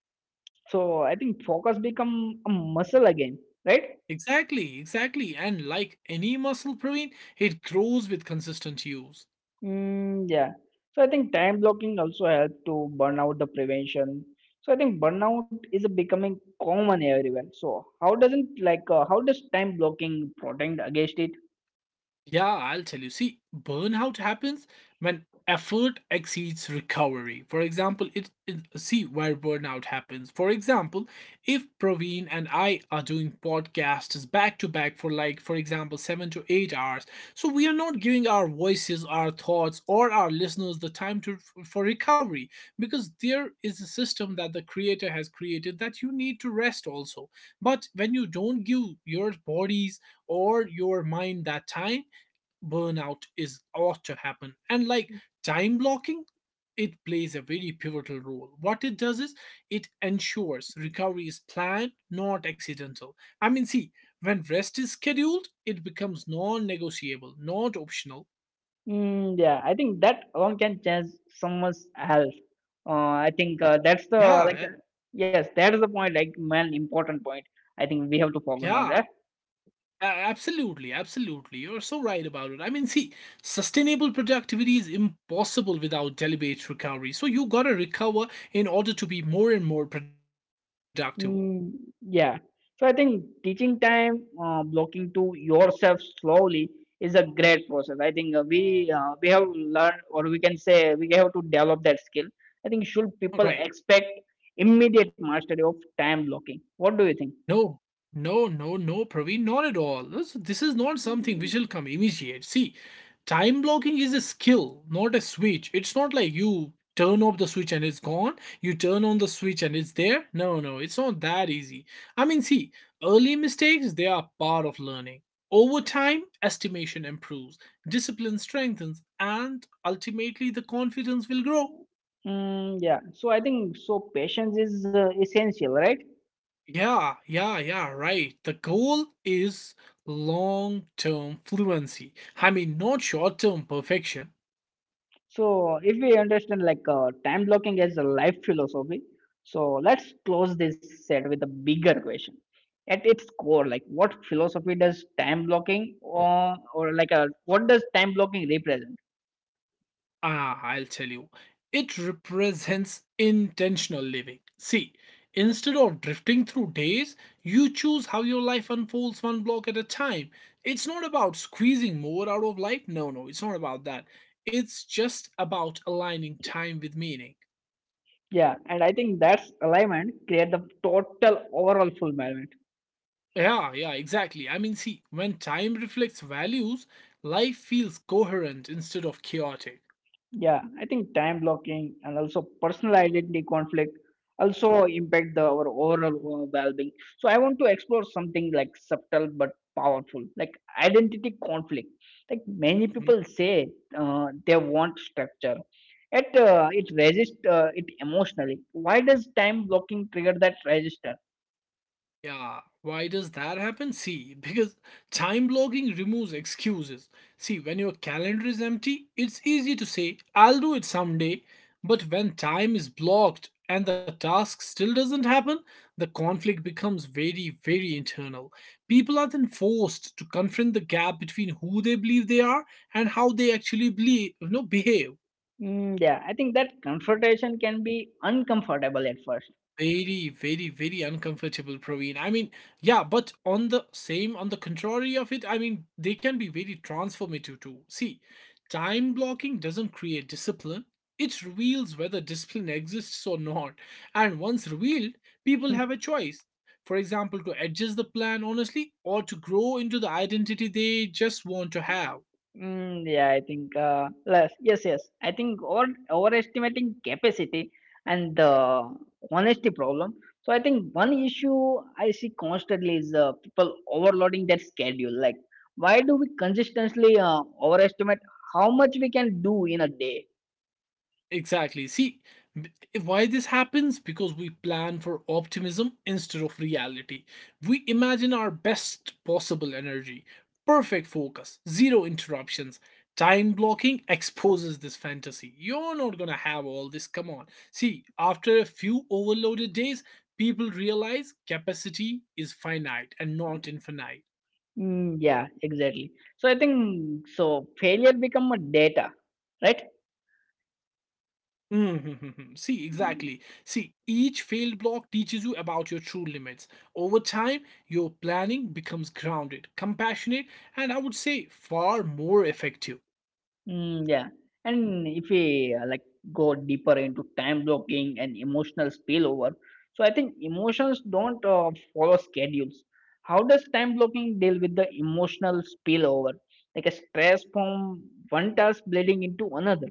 Speaker 1: So I think focus become a muscle again, right?
Speaker 2: Exactly, exactly. And like any muscle, Praveen, it grows with consistent use.
Speaker 1: Mm, yeah. So I think time blocking also help to burn out the prevention. So I think burnout is becoming common everywhere. So how doesn't like how does time blocking protect against it?
Speaker 2: Yeah, I'll tell you. See, burnout happens when effort exceeds recovery. For example, see where burnout happens. For example, if Praveen and I are doing podcasts back to back for like for example 7 to 8 hours, so we are not giving our voices, our thoughts or our listeners the time to for recovery because there is a system that the creator has created that you need to rest also. But when you don't give your bodies or your mind that time, burnout is ought to happen. And like time blocking, it plays a very pivotal role. What it does is it ensures recovery is planned, not accidental. I mean, see, when rest is scheduled, it becomes non-negotiable, not optional.
Speaker 1: Mm, yeah, I think that alone can change someone's health. I
Speaker 2: Yeah,
Speaker 1: think that's the like yes, that is the point. Like main important point. I think we have to
Speaker 2: yeah,
Speaker 1: focus on that.
Speaker 2: a- absolutely, absolutely, you're so right about it. I mean, see, sustainable productivity is impossible without deliberate recovery, so you gotta recover in order to be more and more productive.
Speaker 1: Mm, yeah. So I think teaching time blocking to yourself slowly is a great process. I think we have learned, or we can say we have to develop that skill. I think should
Speaker 2: Right.
Speaker 1: people expect immediate mastery of time blocking? What do you think?
Speaker 2: No, no, no, no, Praveen, not at all. This is not something which will come immediate. See, time blocking is a skill, not a switch. It's not like you turn off the switch and it's gone, you turn on the switch and it's there. No, no, it's not that easy. I mean, see, early mistakes, they are part of learning. Over time, estimation improves, discipline strengthens, and ultimately the confidence will grow.
Speaker 1: Mm, yeah. So I think so patience is essential, right?
Speaker 2: Yeah, yeah, yeah, right. The goal is long term fluency. I mean, not short term perfection.
Speaker 1: So, if we understand time blocking as a life philosophy, so let's close this set with a bigger question. At its core, like what philosophy does time blocking what does time blocking represent?
Speaker 2: Ah, I'll tell you. It represents intentional living. See, instead of drifting through days, you choose how your life unfolds one block at a time. It's not about squeezing more out of life. No, no, it's not about that. It's just about aligning time with meaning.
Speaker 1: Yeah, and I think that's alignment create the total overall fulfillment.
Speaker 2: Yeah, yeah, exactly. I mean, see, when time reflects values, life feels coherent instead of chaotic.
Speaker 1: Yeah, I think time blocking and also personal identity conflict also impact the our overall well-being. So I want to explore something like subtle but powerful, like identity conflict. Like many
Speaker 2: Mm-hmm.
Speaker 1: people say they want structure, yet it resists it emotionally. Why does time blocking trigger that register?
Speaker 2: Yeah, why does that happen? See, because time blocking removes excuses. See, when your calendar is empty, it's easy to say, I'll do it someday. But when time is blocked and the task still doesn't happen, the conflict becomes very, very internal. People are then forced to confront the gap between who they believe they are and how they actually believe, you know, behave.
Speaker 1: Mm, yeah, I think that confrontation can be uncomfortable at first.
Speaker 2: Very, very, very uncomfortable, Praveen. I mean, yeah, but on the same, on the contrary of it, I mean, they can be very transformative too. See, time blocking doesn't create discipline, it reveals whether discipline exists or not. And once revealed, people have a choice. For example, to adjust the plan honestly or to grow into the identity they just want to have.
Speaker 1: Mm, yeah, I think less. Yes, yes. I think over overestimating capacity and the honesty problem. So I think one issue I see constantly is people overloading their schedule. Like, why do we consistently overestimate how much we can do in a day?
Speaker 2: Exactly. See, b- why this happens? Because we plan for optimism instead of reality. We imagine our best possible energy, perfect focus, zero interruptions. Time blocking exposes this fantasy. You're not gonna have all this, come on. See, after a few overloaded days, people realize capacity is finite and not infinite.
Speaker 1: Mm, yeah, exactly. So I think so failure become a data, right?
Speaker 2: Mm-hmm, mm-hmm. See, exactly. See, each failed block teaches you about your true limits. Over time, your planning becomes grounded, compassionate, and I would say far more effective.
Speaker 1: Mm, yeah. And if we like go deeper into time blocking and emotional spillover, so I think emotions don't follow schedules. How does time blocking deal with the emotional spillover, like a stress from one task bleeding into another?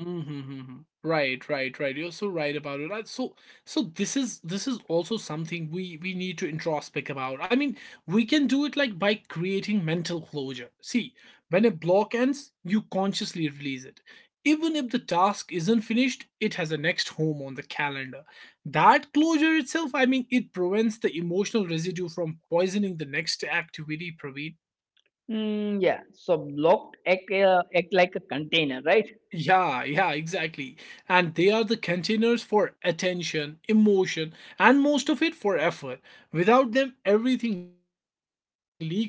Speaker 2: Mm-hmm, mm-hmm. Right, right, right. You're so right about it. So this is also something we need to introspect about. I mean, we can do it like by creating mental closure. See, when a block ends, you consciously release it. Even if the task isn't finished, it has a next home on the calendar. That closure itself, I mean, it prevents the emotional residue from poisoning the next activity, Praveen.
Speaker 1: Mm, yeah. So blocked act like a container, right?
Speaker 2: Yeah, yeah, exactly. And they are the containers for attention, emotion, and most of it for effort. Without them, everything leaks into everything else.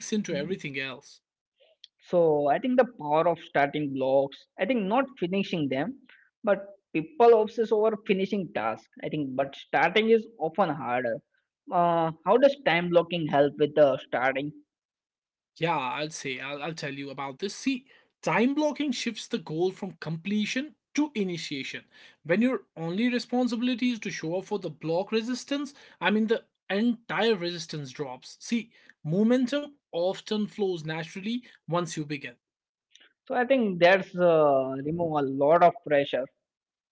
Speaker 1: So I think the power of starting blocks, I think not finishing them, but people obsess over finishing tasks. I think, but starting is often harder. How does time blocking help with the starting?
Speaker 2: Yeah, I'll tell you about this. See, time blocking shifts the goal from completion to initiation. When your only responsibility is to show up for the block resistance, I mean, the entire resistance drops. See, momentum often flows naturally once you begin.
Speaker 1: So I think that's remove a lot of pressure.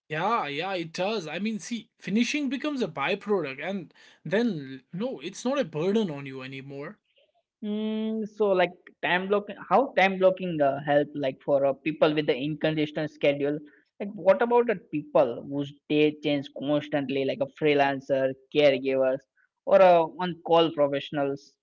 Speaker 2: Yeah, yeah, it does. I mean, see, finishing becomes a byproduct, and then no, it's not a burden on you anymore.
Speaker 1: Mm, so like time blocking, how time blocking help like for people with the inconsistent schedule? Like what about the people whose day change constantly, like a freelancer, caregivers, or on-call professionals?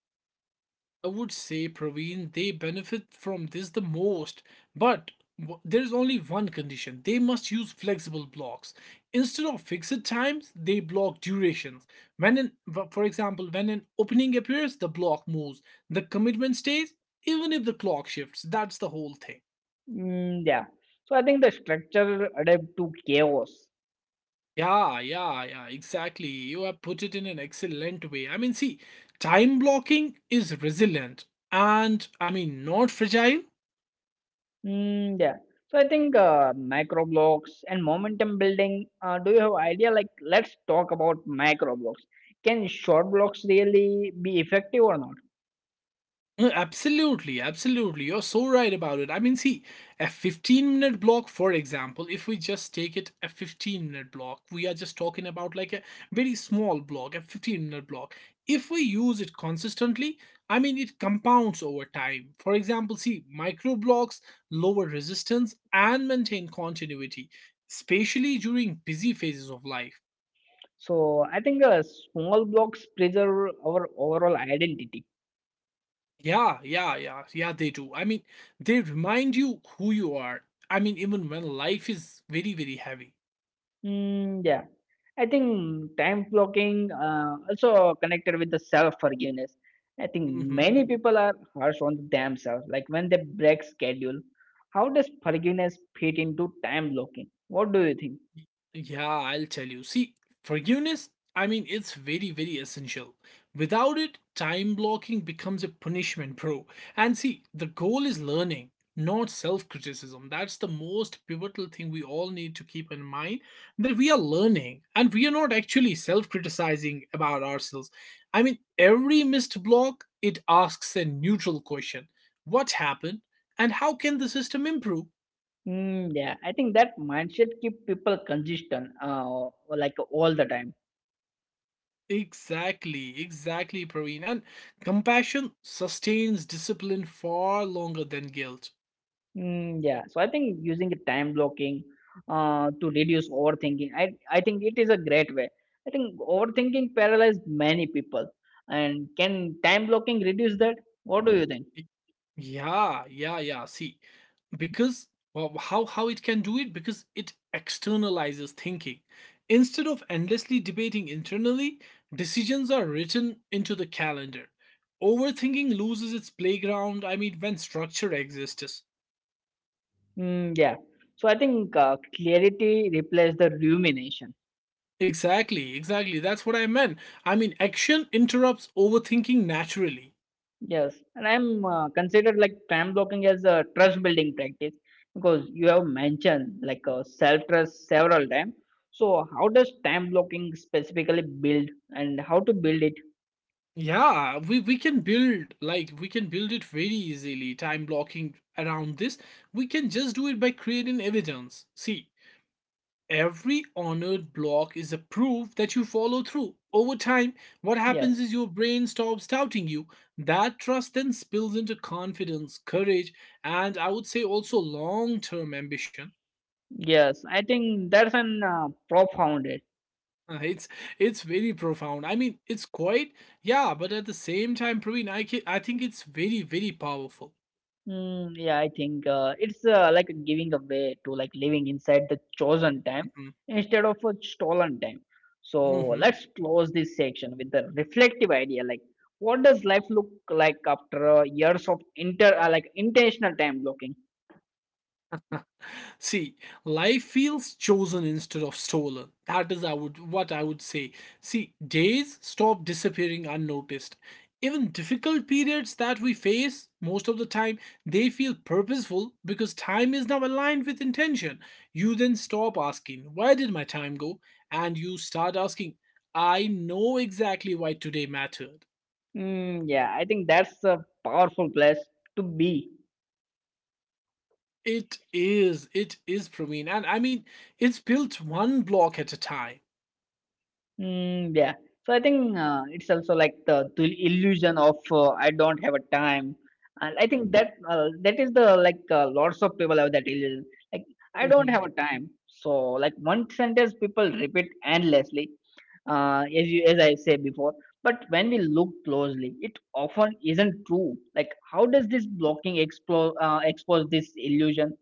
Speaker 2: I would say, Praveen, they benefit from this the most, but there's only one condition they must use flexible blocks. Instead of fixed times, they block durations. For example, when an opening appears, the block moves, the commitment stays, even if the clock shifts. That's the whole thing.
Speaker 1: Mm, yeah. So I think the structure adapt to chaos.
Speaker 2: Yeah, yeah, yeah, exactly. You have put it in an excellent way. I mean, see, time blocking is resilient and I mean, not fragile.
Speaker 1: Mm, yeah. So I think micro blocks and momentum building. Do you have idea? Like let's talk about micro blocks. Can short blocks really be effective or not?
Speaker 2: Absolutely, absolutely. You're so right about it. I mean, see, a 15-minute block, for example, if we just take it a 15-minute block, we are just talking about like a very small block, a 15-minute block. If we use it consistently, I mean, it compounds over time. For example, see, micro blocks lower resistance and maintain continuity, especially during busy phases of life.
Speaker 1: So I think small blocks preserve our overall identity.
Speaker 2: Yeah, they do. I mean, they remind you who you are. I mean, even when life is very, very heavy.
Speaker 1: Mm, yeah, I think time blocking also connected with the self forgiveness. I think
Speaker 2: Mhm.
Speaker 1: many people are harsh on themselves, like when they break schedule. How does forgiveness fit into time blocking? What do you think?
Speaker 2: Yeah, I'll tell you. See, forgiveness, I mean, it's very, very essential. Without it, time blocking becomes a punishment, bro. And see, the goal is learning, not self criticism. That's the most pivotal thing we all need to keep in mind that we are learning and we are not actually self criticizing about ourselves. I mean, every missed block, it asks a neutral question. What happened? And how can the system improve?
Speaker 1: Mm, yeah, I think that mindset keep people consistent, like all the time.
Speaker 2: Exactly, exactly, Praveen. And compassion sustains discipline far longer than guilt.
Speaker 1: Mm, yeah, so I think using the time blocking to reduce overthinking, I think it is a great way. I think overthinking paralyzes many people. And can time blocking reduce that? What do you think?
Speaker 2: Y- yeah. See, because well, how it can do it? Because it externalizes thinking. Instead of endlessly debating internally, decisions are written into the calendar. Overthinking loses its playground. I mean, when structure exists.
Speaker 1: Mm, yeah, so I think clarity replaces the rumination.
Speaker 2: Exactly, exactly. That's what I meant. I mean, action interrupts overthinking naturally.
Speaker 1: Yes, and I'm considered like time blocking as a trust building practice because you have mentioned self trust several times. So, how does time blocking specifically build and how to build it?
Speaker 2: Yeah, we can build it very easily, time blocking around this. We can just do it by creating evidence. See, every honored block is a proof that you follow through. Over time, what happens
Speaker 1: Yes,
Speaker 2: is your brain stops doubting you. That trust then spills into confidence, courage, and I would say also long-term ambition.
Speaker 1: yes. I think that's an profound. It.
Speaker 2: Uh, It's it's very profound. I mean, it's quite yeah, but at the same time, Praveen, I think it's very very powerful.
Speaker 1: Mm, yeah, I think it's like giving away to like living inside the chosen time
Speaker 2: Mm-hmm,
Speaker 1: instead of a stolen time. So
Speaker 2: hmm.
Speaker 1: let's close this section with the reflective idea. Like, what does life look like after years of inter like intentional time blocking?
Speaker 2: See, life feels chosen instead of stolen. That is I would what I would say. See, days stop disappearing unnoticed. Even difficult periods that we face most of the time, they feel purposeful because time is now aligned with intention. You then stop asking, where did my time go? And you start asking, I know exactly why today mattered.
Speaker 1: Mm, yeah, I think that's a powerful place to be.
Speaker 2: It is Praveen. And I mean, it's built one block at a time.
Speaker 1: Mm, yeah. So I think it's also like the illusion of I don't have a time. And I think that that is the like lots of people have that illusion. Like I don't
Speaker 2: Mm-hmm.
Speaker 1: have a time. So like one sentence people repeat endlessly. As I say before. But when we look closely, it often isn't true. Like how does this blocking explore expose this illusion?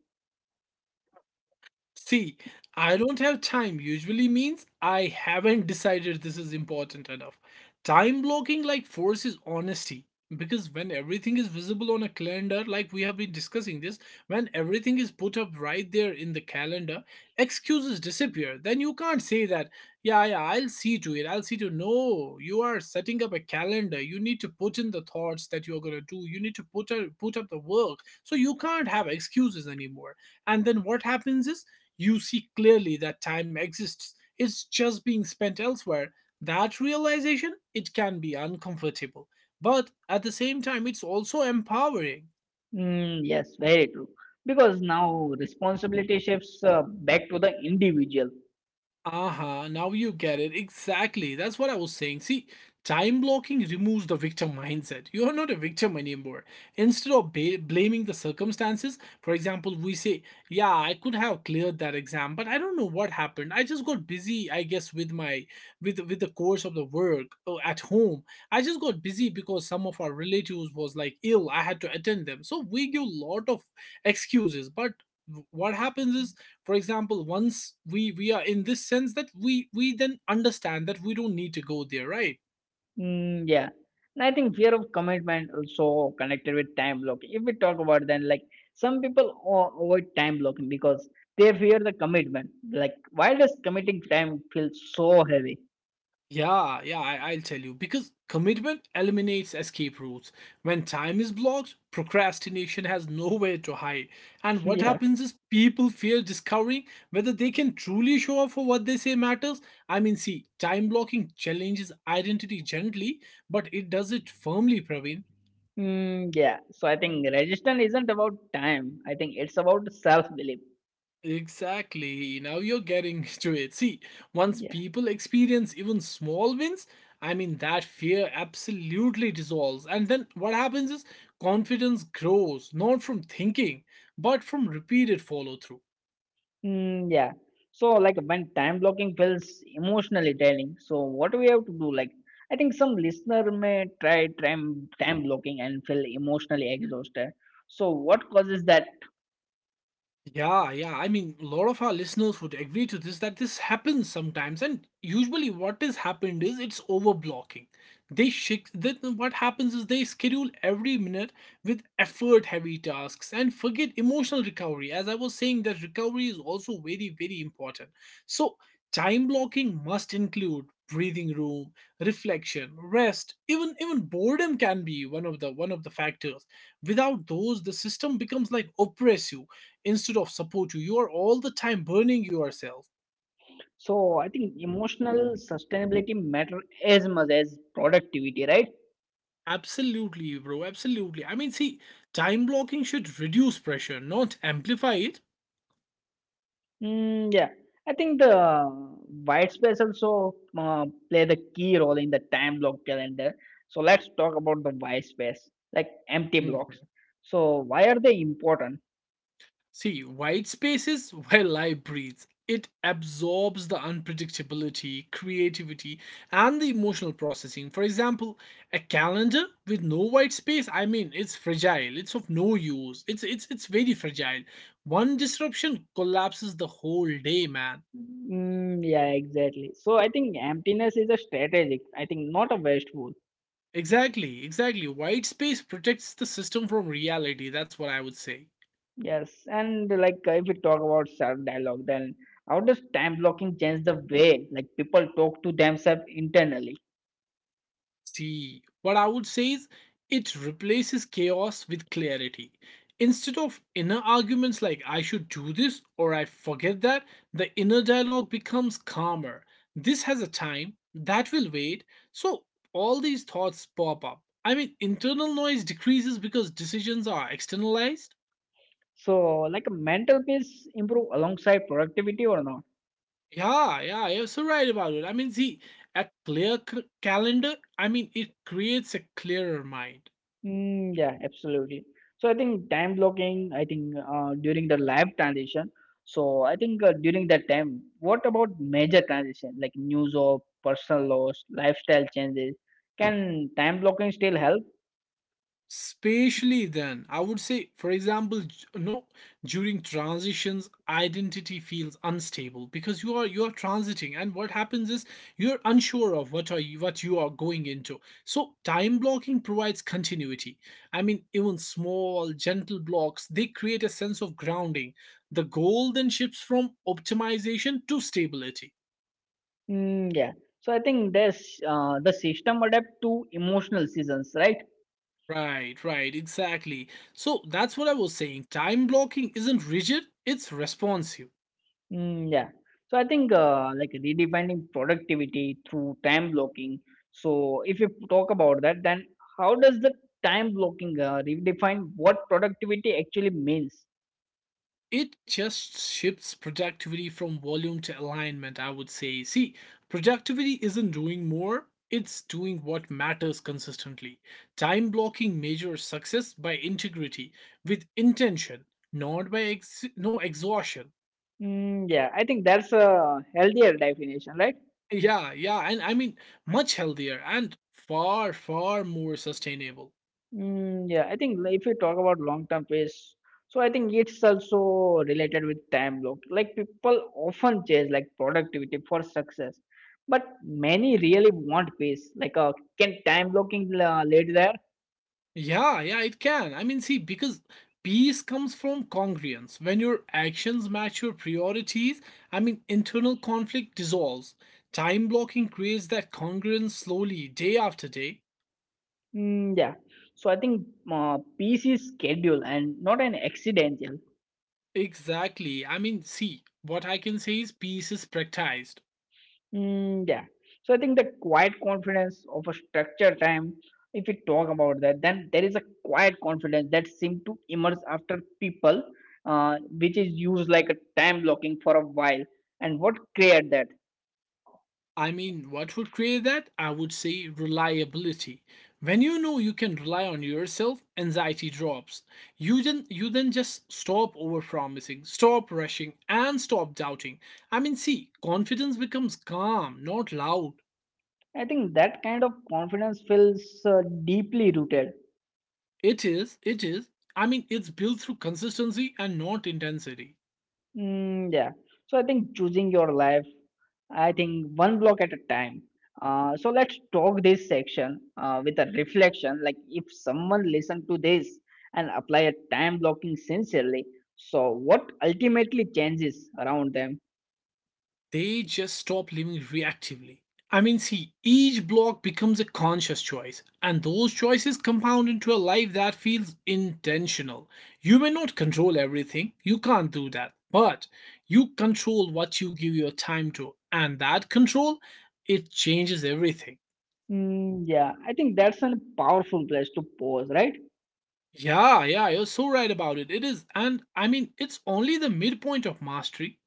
Speaker 2: See, I don't have time usually means I haven't decided this is important enough. Time blocking like forces honesty because when everything is visible on a calendar, like we have been discussing this, when everything is put up right there in the calendar, excuses disappear. Then you can't say that, yeah, yeah, I'll see to it, I'll see to it. No, you are setting up a calendar. You need to put in the thoughts that you're gonna do. You need to put out, put up the work. So you can't have excuses anymore. And then what happens is you see clearly that time exists, it's just being spent elsewhere. That realization, it can be uncomfortable, but at the same time it's also empowering.
Speaker 1: Mm, yes, very true. Because now responsibility shifts back to the individual.
Speaker 2: Aha, now you get it. Exactly. That's what I was saying. See, time blocking removes the victim mindset. You are not a victim anymore. Instead of blaming the circumstances, for example, we say, yeah, I could have cleared that exam, but I don't know what happened. I just got busy, I guess, with my with the course of the work at home. I just got busy because some of our relatives was like ill. I had to attend them. So we give a lot of excuses, but what happens is, for example, once we are in this sense that we then understand that we don't need to go there, right?
Speaker 1: Mm, yeah. And I think fear of commitment also connected with time blocking. If we talk about then like some people avoid time blocking because they fear the commitment. Like why does committing time feel so heavy?
Speaker 2: Yeah, yeah, I, I'll tell you, because commitment eliminates escape routes. When time is blocked, procrastination has nowhere to hide. And what
Speaker 1: yeah.
Speaker 2: happens is people fear discovering whether they can truly show up for what they say matters. I mean, see, time blocking challenges identity gently, but it does it firmly, Praveen.
Speaker 1: Mm, yeah. So I think resistance isn't about time. I think it's about self belief.
Speaker 2: Exactly. Now you're getting to it. See, once people experience even small wins, I mean, that fear absolutely dissolves. And then what happens is confidence grows, not from thinking, but from repeated follow through.
Speaker 1: Mm, yeah. So like when time blocking feels emotionally draining, so what we have to do? Like I think some listener may try time blocking and feel emotionally exhausted. So what causes that?
Speaker 2: Yeah, yeah. I mean, a lot of our listeners would agree to this that this happens sometimes, and usually what has happened is it's overblocking. They shift. Then what happens is they schedule every minute with effort-heavy tasks and forget emotional recovery. As I was saying, that recovery is also very, very important. So time blocking must include breathing room, reflection, rest, even boredom can be one of the factors. Without those, the system becomes like oppressive instead of support you. You are all the time burning yourself.
Speaker 1: So I think emotional sustainability matter as much as productivity, right?
Speaker 2: Absolutely, bro. Absolutely. I mean, see, time blocking should reduce pressure, not amplify it.
Speaker 1: Mm, yeah, I think the white space also play the key role in the time block calendar. So let's talk about the white space, like empty blocks.
Speaker 2: Mhm.
Speaker 1: So why are they important?
Speaker 2: See, white space is where life breathes. It absorbs the unpredictability, creativity, and the emotional processing. For example, a calendar with no white space, I mean, it's fragile. It's of no use. It's very fragile. One disruption collapses the whole day, man.
Speaker 1: Mm, yeah, exactly. So I think emptiness is a strategic, I think not a wasteful.
Speaker 2: Exactly, exactly. White space protects the system from reality. That's what I would say.
Speaker 1: Yes, and if we talk about self dialogue, then how does time blocking change the way like people talk to themselves internally?
Speaker 2: See, what I would say is it replaces chaos with clarity. Instead of inner arguments like I should do this or I forget that, the inner dialogue becomes calmer. This has a time, that will wait. So all these thoughts pop up. I mean, internal noise decreases because decisions are externalized.
Speaker 1: So like mental peace improve alongside productivity or not?
Speaker 2: Yeah, yeah, you're so right about it. I mean, see, a calendar, I mean, it creates a clearer mind.
Speaker 1: Mm, yeah, absolutely. So I think time blocking, I think during the live transition. So I think during that time, what about major transition like news or personal loss, lifestyle changes? Can time blocking still help?
Speaker 2: Spatially, then, I would say, for example, no, during transitions, identity feels unstable because you are transiting, and what happens is you're unsure of what you are going into. So time blocking provides continuity. I mean, even small gentle blocks they create a sense of grounding. The goal then shifts from optimization to stability.
Speaker 1: Mm, yeah. So I think this the system adapt to emotional seasons, right?
Speaker 2: Right, right, exactly. So that's what I was saying. Time blocking isn't rigid; it's responsive.
Speaker 1: Mm, yeah. So I think like redefining productivity through time blocking. So if you talk about that, then how does the time blocking redefine what productivity actually means?
Speaker 2: It just shifts productivity from volume to alignment, I would say. See, productivity isn't doing more, it's doing what matters consistently. Time blocking measures success by integrity, with intention, not by ex- no exhaustion.
Speaker 1: Mm, yeah, I think that's a healthier definition, right?
Speaker 2: Yeah, yeah, and I mean, much healthier and far, far more sustainable.
Speaker 1: Mm, yeah, I think like, if you talk about long-term pace, so I think it's also related with time block. Like people often chase like productivity for success, but many really want pace. Like, can time blocking lead there?
Speaker 2: Yeah, yeah, it can. I mean, see, because peace comes from congruence. When your actions match your priorities, I mean, internal conflict dissolves. Time blocking creates that congruence slowly, day after day.
Speaker 1: Mm, yeah. So I think peace is schedule and not an accidental.
Speaker 2: Exactly. I mean, see, what I can say is peace is practiced.
Speaker 1: Mm, yeah. So I think the quiet confidence of a structured time, if we talk about that, then there is a quiet confidence that seems to emerge after people, which is used like a time blocking for a while. And what create that?
Speaker 2: I mean, what would create that? I would say reliability. When you know you can rely on yourself, anxiety drops. You then just stop overpromising, stop rushing, and stop doubting. I mean, see, confidence becomes calm, not loud.
Speaker 1: I think that kind of confidence feels deeply rooted.
Speaker 2: It is, it is. I mean, it's built through consistency and not intensity.
Speaker 1: Mm, yeah. So I think choosing your life, I think one block at a time. So let's talk this section with a reflection. Like if someone listen to this and apply a time blocking sincerely, so what ultimately changes around them?
Speaker 2: They just stop living reactively. I mean, see, each block becomes a conscious choice, and those choices compound into a life that feels intentional. You may not control everything, you can't do that, but you control what you give your time to, and that control, it changes everything.
Speaker 1: Mm, yeah, I think that's a powerful place to pause, right?
Speaker 2: Yeah, yeah, you're so right about it. It is, and I mean, it's only the midpoint of mastery.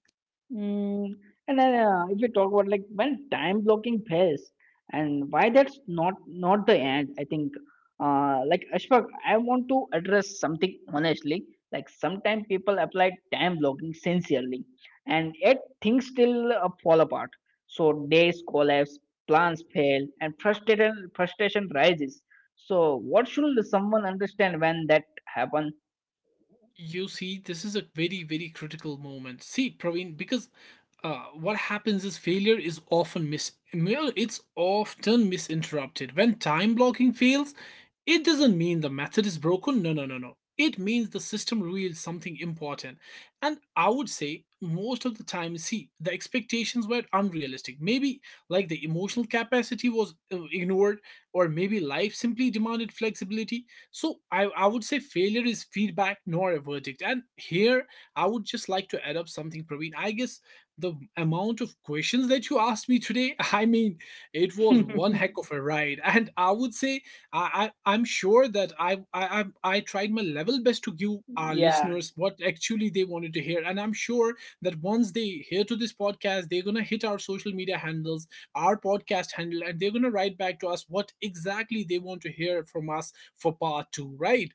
Speaker 1: Mm, and then if you talk about like when time blocking fails and why that's not the end, I think like Ashfaq, I want to address something honestly. Like sometimes people apply time blocking sincerely, and yet things still fall apart. So days collapse, plans fail, and frustration rises. So what should someone understand when that happen?
Speaker 2: You see, this is a very, very critical moment. See, Praveen, because what happens is failure is often mis well, it's often misinterpreted. When time blocking fails, it doesn't mean the method is broken. No, no, no, no. It means the system revealed something important. And I would say most of the time, see, the expectations were unrealistic. Maybe like the emotional capacity was ignored, or maybe life simply demanded flexibility. So I would say failure is feedback, nor a verdict. And here I would just like to add up something, Praveen. I guess the amount of questions that you asked me today, I mean, it was one heck of a ride. And I would say I'm sure that I tried my level best to give our
Speaker 1: yeah.
Speaker 2: listeners what actually they wanted to hear. And I'm sure that once they hear to this podcast, they're gonna hit our social media handles, our podcast handle, and they're gonna write back to us what exactly they want to hear from us for part two, right?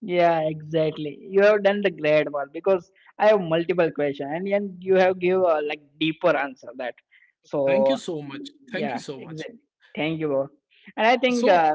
Speaker 1: Yeah, exactly. You have done the great work because I have multiple questions and you have give a like deeper answer that.
Speaker 2: Thank you
Speaker 1: So
Speaker 2: so much. Thank you
Speaker 1: yeah,
Speaker 2: so much.
Speaker 1: exactly. Thank you, bro. And I think
Speaker 2: So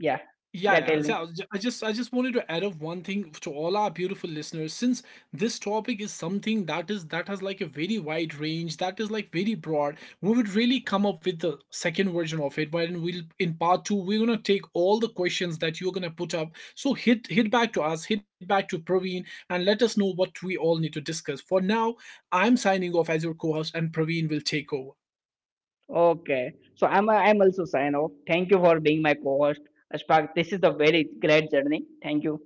Speaker 1: yeah,
Speaker 2: yeah,
Speaker 1: yeah.
Speaker 2: yeah.
Speaker 1: Tell
Speaker 2: so
Speaker 1: me.
Speaker 2: I was ju- I just wanted to add up one thing to all our beautiful listeners, since this topic is something that is that has like a very wide range, that is like very broad. We would really come up with the second version of it. Wherein we'll in part two, we're gonna take all the questions that you're gonna put up. So hit back to us, hit back to Praveen, and let us know what we all need to discuss. For now, I'm signing off as your co-host, and Praveen will take over.
Speaker 1: Okay. So I'm also sign off. Thank you for being my co-host, Ashfaq. This is the very great journey. Thank you.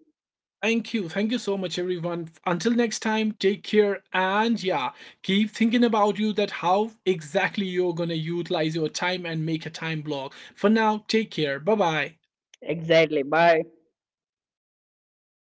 Speaker 2: Thank you. Thank you so much, everyone. Until next time, take care and yeah, keep thinking about you that how exactly you're gonna utilize your time and make a time block. For now, take care. Bye bye.
Speaker 1: Exactly. Bye.